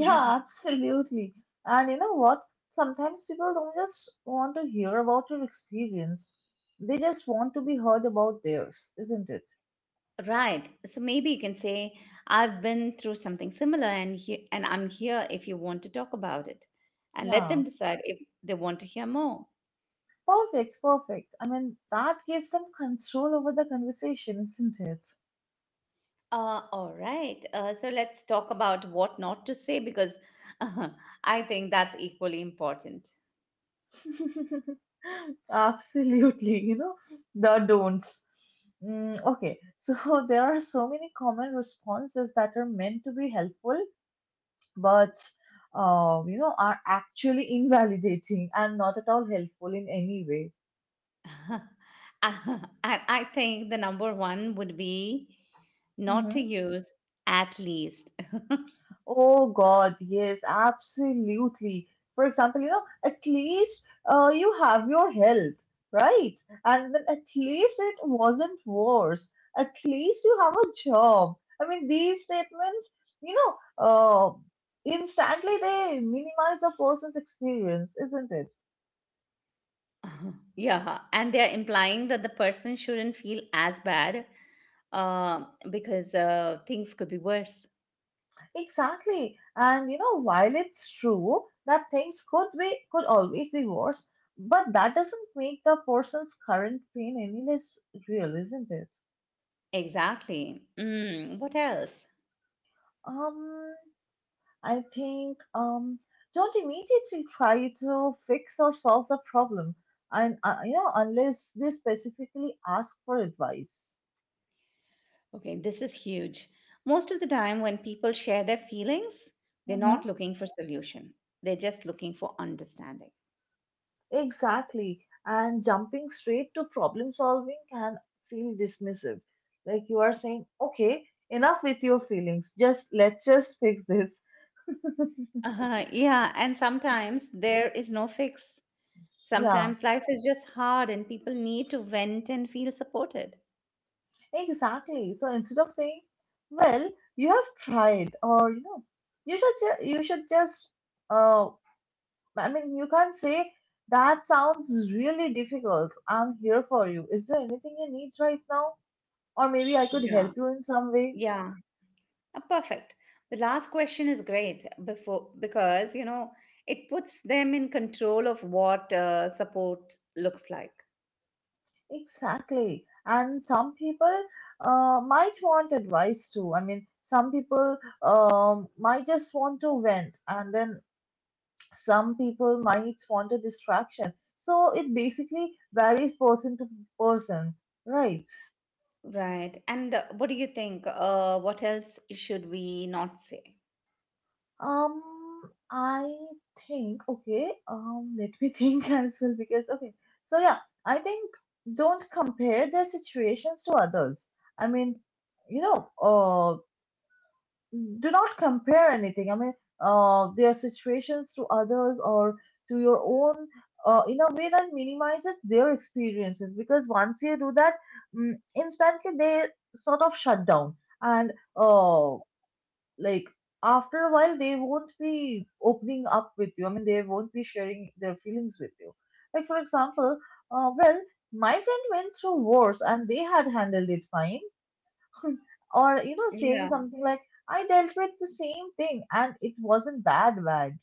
Speaker 1: Mhm.
Speaker 2: absolutely. And you know what? Sometimes people don't just want to hear about your experience. They just want to be heard about theirs, isn't it?
Speaker 1: Right. So maybe you can say, I've been through something similar, and I'm here if you want to talk about it. And let
Speaker 2: Yeah.
Speaker 1: them decide if they want to hear more.
Speaker 2: Perfect, perfect. I mean, that gives them control over the conversation, isn't it?
Speaker 1: All right. So let's talk about what not to say, because I think that's equally important.
Speaker 2: Absolutely, you know, the don'ts. Mm, okay, so there are so many common responses that are meant to be helpful, but you know, are actually invalidating and not at all helpful in any way.
Speaker 1: And I think the number one would be not to
Speaker 2: Mm-hmm.
Speaker 1: use at least.
Speaker 2: Oh God, yes, absolutely. For example, you know, at least you have your health, right? And then, at least it wasn't worse. At least you have a job. I mean, these statements, you know, uh, instantly they minimize the person's experience, isn't it?
Speaker 1: Yeah, and they're implying that the person shouldn't feel as bad uh, because things could be worse.
Speaker 2: Exactly. And you know, while it's true that things could always be worse, but that doesn't make the person's current pain any less real, isn't it?
Speaker 1: Exactly. Mm, what else?
Speaker 2: Um, I think, don't immediately try to fix or solve the problem, and you know, unless they specifically ask for advice.
Speaker 1: Okay, this is huge. Most of the time, when people share their feelings, they're
Speaker 2: Mm-hmm.
Speaker 1: not looking for solution. They're just looking for understanding.
Speaker 2: Exactly. And jumping straight to problem solving can feel dismissive. Like, you are saying, okay, enough with your feelings. Just let's just fix this.
Speaker 1: Uh-huh, yeah, and sometimes there is no fix.
Speaker 2: Yeah,
Speaker 1: Sometimes life is just hard and people need to vent and feel supported.
Speaker 2: exactly. So instead of saying, well, you have tried, or you know, you should just uh I mean, you can say, that sounds really difficult. I'm here for you. Is there anything you need right now? Or maybe I could
Speaker 1: Yeah,
Speaker 2: help you in some way.
Speaker 1: yeah. Perfect. The last question is great before because you know it puts them in control of what support looks like.
Speaker 2: Exactly. And some people might want advice too. I mean, some people might just want to vent, and then some people might want a distraction. So it basically varies person to person, right?
Speaker 1: Right. And what do you think? What else should we not say?
Speaker 2: Um, I think, okay, let me think as well, because, okay, so yeah, I think, don't compare their situations to others. I mean, you know, do not compare anything. I mean, their situations to others, or to your own, in a way that minimizes their experiences. Because once you do that, mm, instantly they sort of shut down. And like, after a while, they won't be opening up with you. I mean, they won't be sharing their feelings with you. Like, for example, well, my friend went through wars and they had handled it fine, or you know, saying
Speaker 1: Yeah.
Speaker 2: something like, I dealt with the same thing and it wasn't that bad.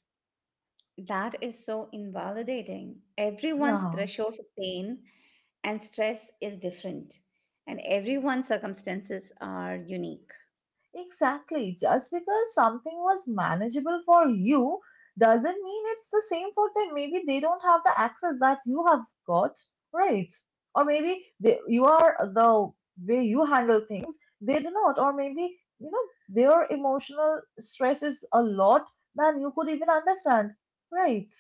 Speaker 1: That is so invalidating. Everyone's
Speaker 2: Yeah.
Speaker 1: threshold for pain and stress is different, and everyone's circumstances are unique.
Speaker 2: Exactly. Just because something was manageable for you doesn't mean it's the same for them. Maybe they don't have the access that you have got, right? Or maybe they, you are the way you handle things, they do not. Or maybe, you know, their emotional stress is a lot than you could even understand, right?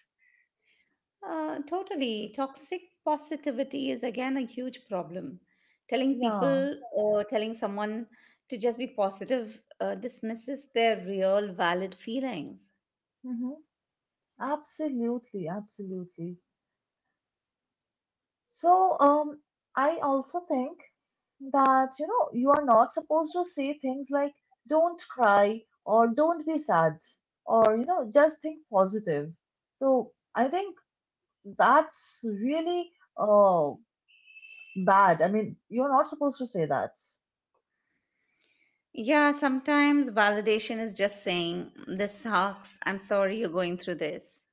Speaker 1: Totally. Toxic positivity is again a huge problem. Telling
Speaker 2: Yeah.
Speaker 1: people or telling someone to just be positive dismisses their real valid feelings.
Speaker 2: Mhm. Absolutely, absolutely. So, I also think that, you know, you are not supposed to say things like, don't cry or don't be sad, or, you know, just think positive. So, I think that's really uh, bad. I mean, you're not supposed to say that.
Speaker 1: Yeah, sometimes validation is just saying, this sucks. I'm sorry you're going through this.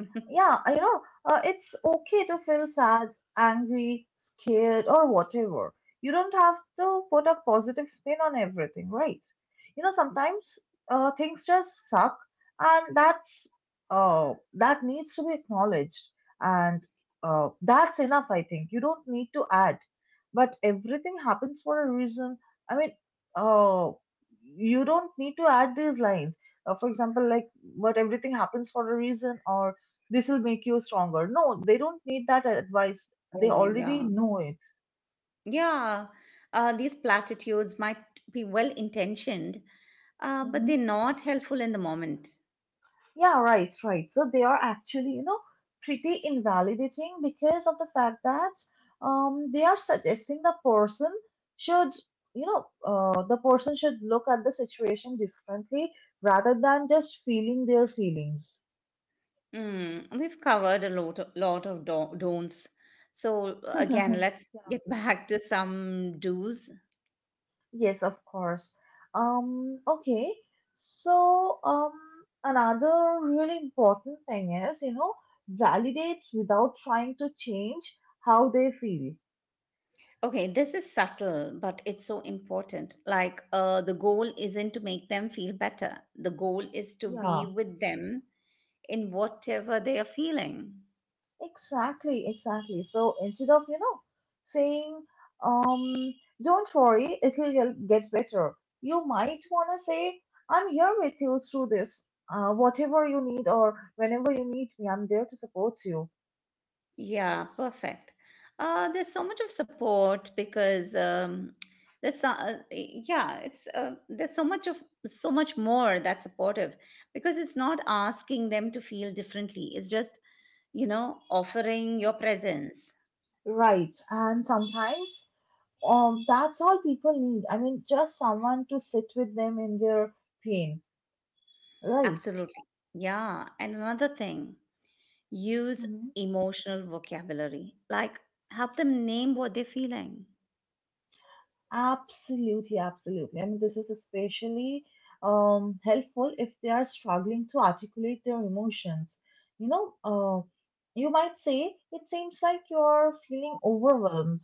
Speaker 2: Yeah, you know, it's okay to feel sad, angry, scared, or whatever. You don't have to put a positive spin on everything, right? You know, sometimes things just suck, and that's that needs to be acknowledged, and that's enough, I think. You don't need to add, but everything happens for a reason. I mean, uh, you don't need to add these lines. For example, like, but everything happens for a reason, or this will make you stronger. No, they don't need that advice. They
Speaker 1: Oh,
Speaker 2: already
Speaker 1: yeah.
Speaker 2: know it.
Speaker 1: Yeah, these platitudes might be well intentioned, but
Speaker 2: Mm-hmm.
Speaker 1: they're not helpful in the moment.
Speaker 2: Yeah, right, right. So they are actually, you know, pretty invalidating, because of the fact that they are suggesting should, you know, the person should look at the situation differently, rather than just feeling their feelings.
Speaker 1: Mm, we've covered a lot of don'ts. So, again, let's
Speaker 2: Yeah.
Speaker 1: get back to some do's.
Speaker 2: Yes, of course. Okay. So, another really important thing is, you know, validate without trying to change how they feel.
Speaker 1: Okay, this is subtle, but it's so important. Like, the goal isn't to make them feel better, the goal is to
Speaker 2: Yeah,
Speaker 1: be with them in whatever they are feeling.
Speaker 2: exactly, exactly. So instead of, saying, um, don't worry, it'll get better. You might want to say, I'm here with you through this, whatever you need or whenever you need me, I'm there to support you.
Speaker 1: Yeah, perfect. There's so much of support because there's so, yeah, it's There's so much of, so much more that's supportive because it's not asking them to feel differently. It's just you know offering your presence.
Speaker 2: Right. And sometimes that's all people need. I mean, just someone to sit with them in their pain, right?
Speaker 1: Absolutely. Yeah, and another thing, use
Speaker 2: hmm
Speaker 1: emotional vocabulary. Like help them name what they're feeling.
Speaker 2: Absolutely, absolutely. I mean, this is especially helpful if they are struggling to articulate their emotions. You know, you might say, it seems like you're feeling overwhelmed,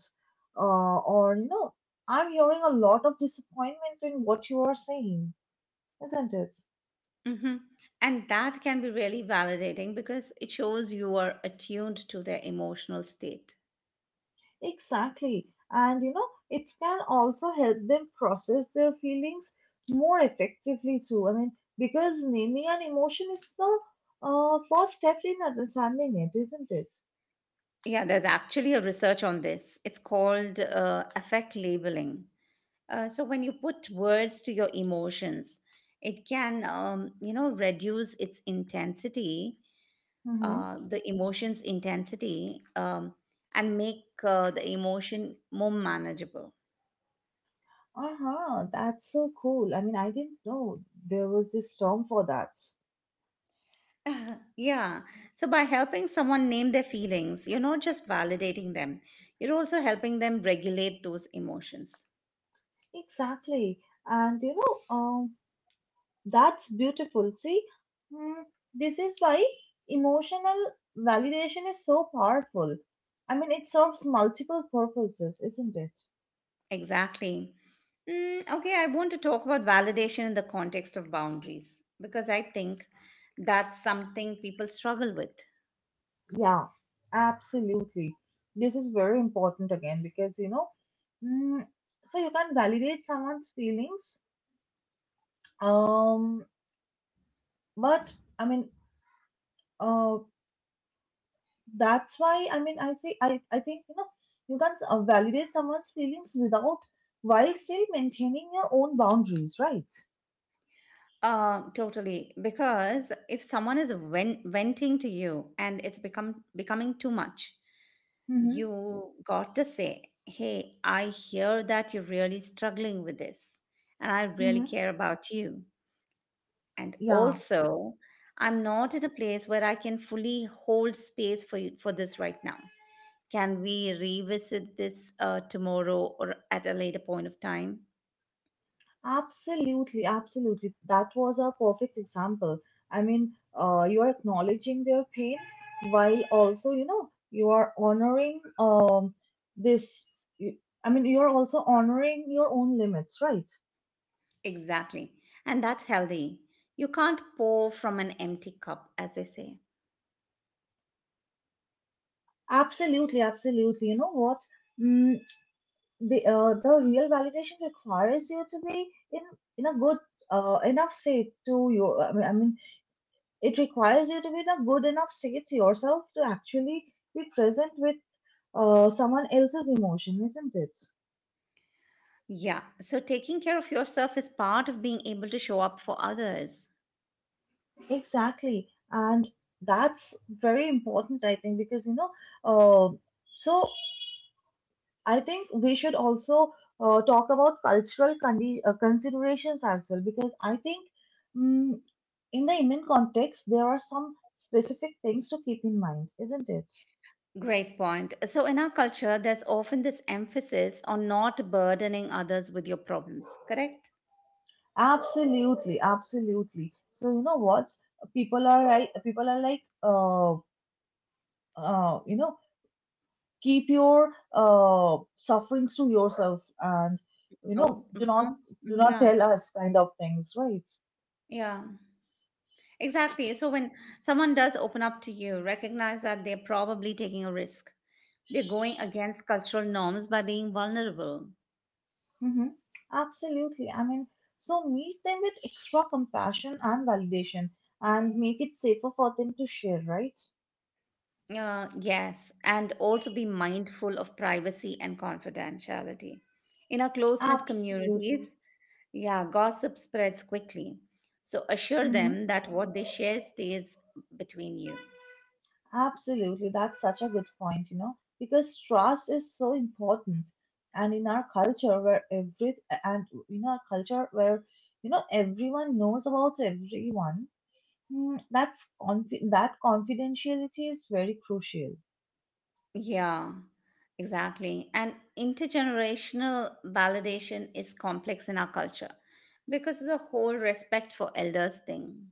Speaker 2: or, you know, I'm hearing a lot of disappointment in what you are saying, isn't it?
Speaker 1: Hmm. And that can be really validating because it shows you are attuned to their emotional state.
Speaker 2: Exactly. And you know, it can also help them process their feelings more effectively too. I mean, because naming an emotion is the first step in understanding it, isn't it?
Speaker 1: Yeah, there's actually a research on this. It's called affect labeling. So when you put words to your emotions, it can, reduce its intensity,
Speaker 2: Mm-hmm.
Speaker 1: the emotion's intensity, and make the emotion more manageable.
Speaker 2: Uh-huh, that's so cool. I mean, I didn't know there was this term for that.
Speaker 1: Yeah. So by helping someone name their feelings, you're not just validating them, you're also helping them regulate those emotions.
Speaker 2: Exactly. And that's beautiful. See, mm, this is why emotional validation is so powerful. I mean, it serves multiple purposes, isn't it?
Speaker 1: Exactly. Mm, okay, I want to talk about validation in the context of boundaries because I think that's something people struggle with.
Speaker 2: Yeah, absolutely. This is very important again because you know, mm, so you can validate someone's feelings. Um, but I mean, uh, that's why, I mean, I say I think, you know, you can validate someone's feelings without while still maintaining your own boundaries, right?
Speaker 1: Totally. Because if someone is venting to you and it's become becoming too much,
Speaker 2: Mm-hmm.
Speaker 1: you got to say, "Hey, I hear that you're really struggling with this, and I really
Speaker 2: Mm-hmm.
Speaker 1: care about you. And
Speaker 2: Yeah,
Speaker 1: also, I'm not in a place where I can fully hold space for you, for this right now. Can we revisit this tomorrow or at a later point of time?"
Speaker 2: absolutely, absolutely. That was a perfect example. I mean, you are acknowledging their pain while also, you know, you are honoring this. you- I mean, you are also honoring your own limits, right?
Speaker 1: Exactly. And that's healthy. You can't pour from an empty cup, as they say.
Speaker 2: Absolutely, absolutely. You know what? Mm, the the real validation requires you to be in a good enough state to your. I mean, It requires you to be in a good enough state yourself to actually be present with someone else's emotion, isn't it?
Speaker 1: Yeah, so taking care of yourself is part of being able to show up for others.
Speaker 2: Exactly. And that's very important, I think, because, you know, uh, so I think we should also talk about considerations as well, because I think mm in the Indian context, there are some specific things to keep in mind, isn't it?
Speaker 1: Great point. So, in our culture, there's often this emphasis on not burdening others with your problems, correct?
Speaker 2: Absolutely, absolutely. So you know what? People are like you know keep your sufferings to yourself, and you know,
Speaker 1: Oh,
Speaker 2: do
Speaker 1: mm-mm.
Speaker 2: not
Speaker 1: Yeah,
Speaker 2: tell us kind of things, right?
Speaker 1: yeah, exactly. So, when someone does open up to you, recognize that they're probably taking a risk. They're going against cultural norms by being vulnerable.
Speaker 2: hmm Absolutely. I mean, so meet them with extra compassion and validation, and make it safer for them to share, right?
Speaker 1: Yes, and also be mindful of privacy and confidentiality. In our close knit
Speaker 2: Absolutely.
Speaker 1: communities, yeah, gossip spreads quickly. So assure
Speaker 2: Mhm.
Speaker 1: them that what they share stays between you.
Speaker 2: Absolutely, that's such a good point, you know, because trust is so important. And in our culture where every and in our culture where, you know, everyone knows about everyone, that confidentiality is very crucial.
Speaker 1: Yeah, exactly. And intergenerational validation is complex in our culture because of the whole respect for elders thing.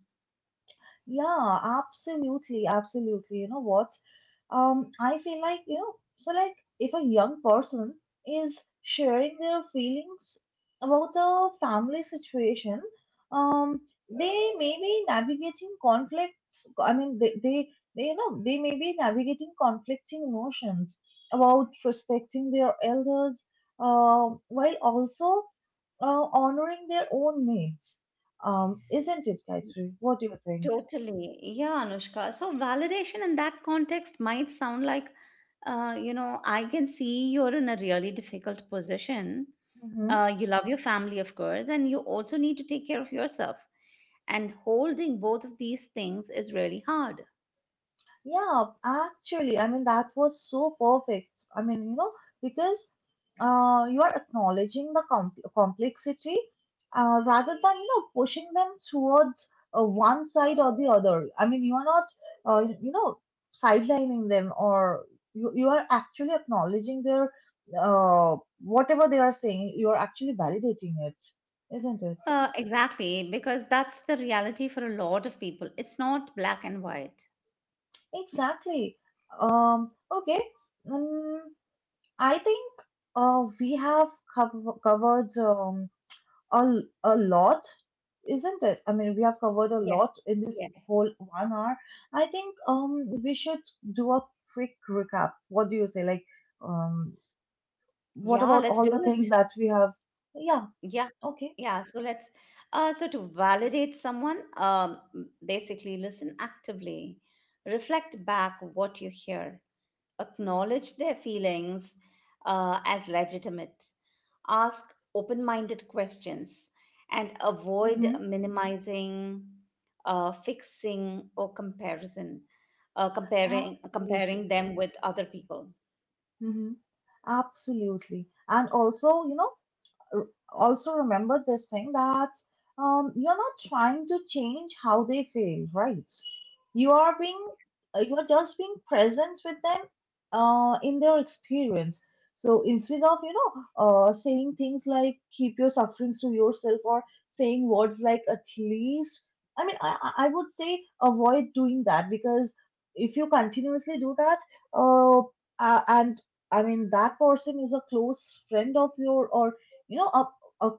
Speaker 2: Yeah, absolutely, absolutely. You know what? I feel like, you know, so like if a young person is sharing their feelings about a family situation, um, they may be navigating conflicts. I mean, they may be navigating conflicting emotions about respecting their elders, while also honoring their own needs. Isn't it, Gayatri? What do you think?
Speaker 1: Totally. Yeah, Anushka. So validation in that context might sound like, I can see you're in a really difficult position. You love your family, of course, and you also need to take care of yourself. And holding both of these things is really hard.
Speaker 2: Yeah, actually, I mean, that was so perfect. I mean, you know, because you are acknowledging the complexity rather than, you know, pushing them towards one side or the other. I mean, you are not, you know, sidelining them, or you are actually acknowledging their whatever they are saying, you are actually validating it, isn't it?
Speaker 1: Exactly, because that's the reality for a lot of people. It's not black and white.
Speaker 2: Exactly. Okay. Mm I think we have covered a lot, isn't it? I mean, we have covered a
Speaker 1: Yes,
Speaker 2: lot in this
Speaker 1: yes.
Speaker 2: whole 1 hour. I think we should do a quick recap. What do you say? Like, um, what
Speaker 1: Yeah,
Speaker 2: about
Speaker 1: let's do
Speaker 2: all the things
Speaker 1: it.
Speaker 2: that we have? Yeah,
Speaker 1: Yeah,
Speaker 2: okay.
Speaker 1: yeah. So let's so to validate someone, basically listen actively, reflect back what you hear, acknowledge their feelings as legitimate, ask open-minded questions, and avoid
Speaker 2: Mm-hmm.
Speaker 1: minimizing, fixing, or comparison, uh, comparing
Speaker 2: Absolutely.
Speaker 1: comparing them with other people.
Speaker 2: Mm-hmm. Absolutely. And also, you know, r- also remember this thing that you're not trying to change how they feel, right? You are being, you are just being present with them in their experience. So instead of, you know, saying things like keep your sufferings to yourself, or saying words like at least, I would say avoid doing that, because if you continuously do that, uh, and I mean that person is a close friend of your or you know, a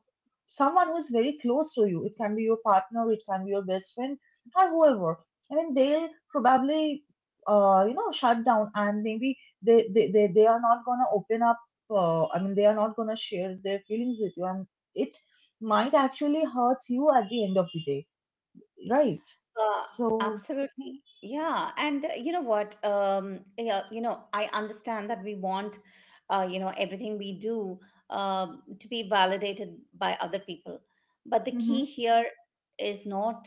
Speaker 2: someone who is very close to you. It can be your partner, it can be your best friend, or whoever. I mean, they'll probably you know, shut down, and maybe they are not going to open up, I mean, they are not going to share their feelings with you, and it might actually hurt you at the end of the day, right?
Speaker 1: Uh,
Speaker 2: So
Speaker 1: absolutely. Yeah. And you know what? Yeah, you know, I understand that we want, you know, everything we do to be validated by other people. But the key
Speaker 2: Mm-hmm.
Speaker 1: here is not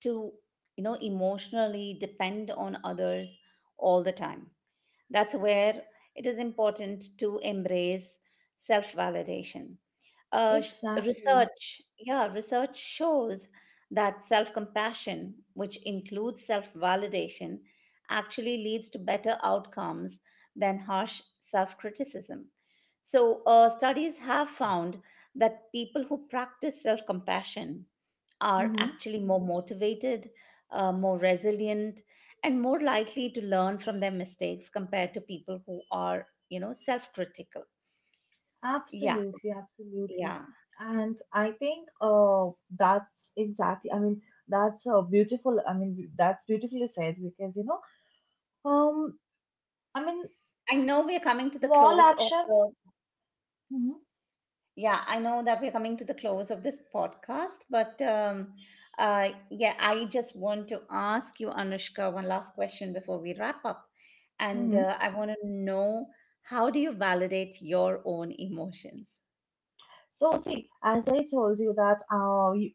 Speaker 1: to, you know, emotionally depend on others all the time. That's where it is important to embrace self validation. Uh, sh-
Speaker 2: Exactly.
Speaker 1: research, yeah, research shows that self compassion, which includes self validation, actually leads to better outcomes than harsh self criticism. So, studies have found that people who practice self compassion are
Speaker 2: Mm-hmm.
Speaker 1: actually more motivated, more resilient, and more likely to learn from their mistakes compared to people who are, you know, self critical. Yeah,
Speaker 2: Absolutely,
Speaker 1: it's-
Speaker 2: absolutely.
Speaker 1: yeah.
Speaker 2: And I think that's exactly, I mean, that's beautiful, I mean, that's beautifully said, because you know, um i mean
Speaker 1: I know we are coming to the
Speaker 2: small
Speaker 1: close of
Speaker 2: actions.
Speaker 1: the
Speaker 2: Mm-hmm.
Speaker 1: Yeah, I know that we're coming to the close of this podcast, but yeah, I just want to ask you, Anushka, one last question before we wrap up, and
Speaker 2: Mm-hmm.
Speaker 1: I want to know, how do you validate your own emotions?
Speaker 2: So see, as I told you that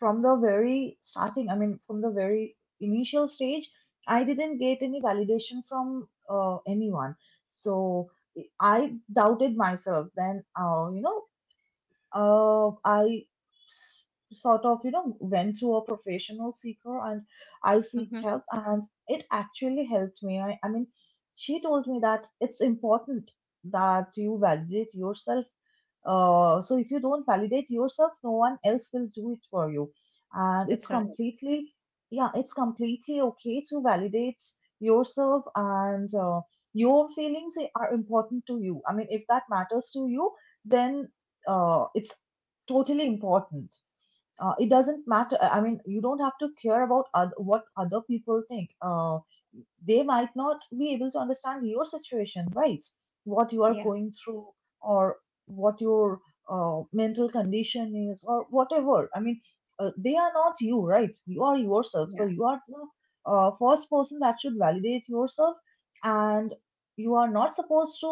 Speaker 2: from the very starting, I mean, from the very initial stage, I didn't get any validation from anyone. So I doubted myself. Then, uh, I s- sort of, you know, went to a professional seeker and I seeked
Speaker 1: Mhm.
Speaker 2: help, and it actually helped me. I mean, she told me that it's important that you validate yourself. So if you don't validate yourself, no one else will do it for you. And it's
Speaker 1: That's right.
Speaker 2: completely, yeah, it's completely okay to validate yourself, and your feelings are important to you. I mean, if that matters to you, then it's totally important. It doesn't matter, I mean, you don't have to care about what other people think. They might not be able to understand your situation, right, what you are
Speaker 1: Yeah.
Speaker 2: going through, or what your mental condition is, or whatever. I mean, they are not you, right? You are yourself,
Speaker 1: Yeah.
Speaker 2: so you are the first person that should validate yourself, and you are not supposed to,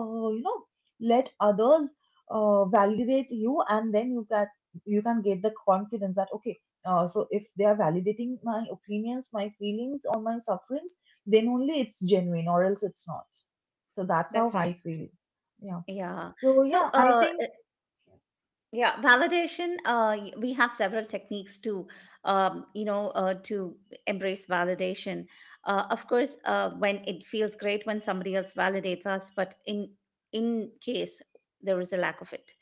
Speaker 2: you know, let others validate you, and then you can, you can get the confidence that okay, so if they are validating my opinions, my feelings, or my sufferings, then only it's genuine, or else it's not. So that's how
Speaker 1: That's
Speaker 2: I
Speaker 1: right.
Speaker 2: feel. Yeah.
Speaker 1: Yeah.
Speaker 2: So
Speaker 1: So,
Speaker 2: yeah, I think
Speaker 1: we have several techniques to you know, to embrace validation, of course. When it feels great when somebody else validates us, but in case there is a lack of it,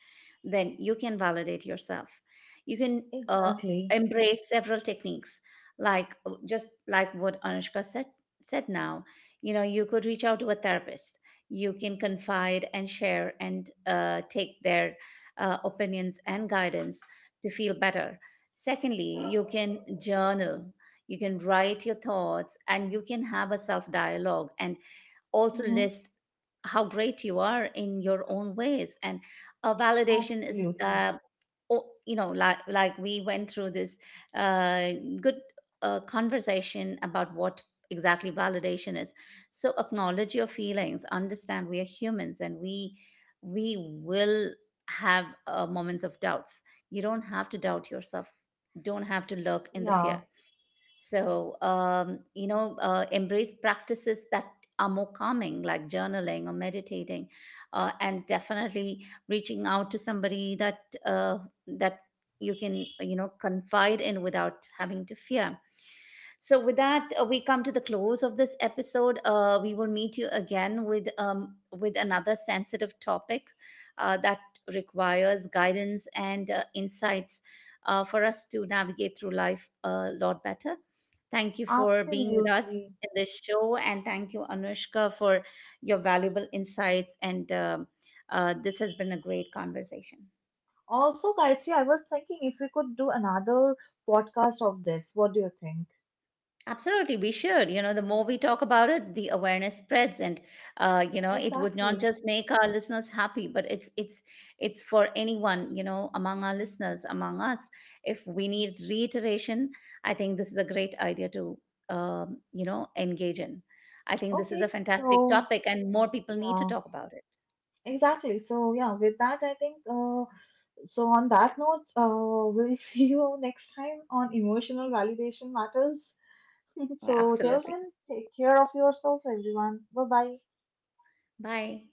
Speaker 1: then you can validate yourself. You can
Speaker 2: exactly.
Speaker 1: embrace several techniques, like just like what Anushka said now. You know, you could reach out to a therapist, you can confide and share, and take their opinions and guidance to feel better. Secondly, you can journal, you can write your thoughts, and you can have a self dialogue, and also
Speaker 2: hmm
Speaker 1: list how great you are in your own ways. And uh, validation is
Speaker 2: Absolutely.
Speaker 1: uh, you know, like we went through this uh, good conversation about what exactly validation is. So acknowledge your feelings, understand we are humans, and we will have moments of doubts. You don't have to doubt yourself, don't have to lurk in the
Speaker 2: Yeah,
Speaker 1: fear. So, you know, embrace practices that are more calming, like journaling or meditating, and definitely reaching out to somebody that you can, you know, confide in without having to fear. So, with that, we come to the close of this episode. We will meet you again with another sensitive topic that requires guidance and insights for us to navigate through life a lot better. Thank you for being with us
Speaker 2: absolutely.
Speaker 1: in this show, and thank you, Anushka, for your valuable insights. And this has been a great conversation.
Speaker 2: Also Gayatri, I was thinking if we could do another podcast of this. What do you think?
Speaker 1: Absolutely, we should. You know, the more we talk about it, the awareness spreads, and you know, it would not
Speaker 2: Exactly.
Speaker 1: just make our listeners happy, but it's for anyone. You know, among our listeners, among us, if we need reiteration, I think this is a great idea to you know, engage in. I think this is
Speaker 2: Okay,
Speaker 1: a
Speaker 2: so
Speaker 1: fantastic topic, and more people need to
Speaker 2: yeah,
Speaker 1: talk about it.
Speaker 2: exactly. So yeah, with that, I think so on that note, we'll see you next time on Emotional Validation Matters. So till
Speaker 1: Absolutely.
Speaker 2: then, take care of yourselves, everyone. Bye bye.
Speaker 1: Bye.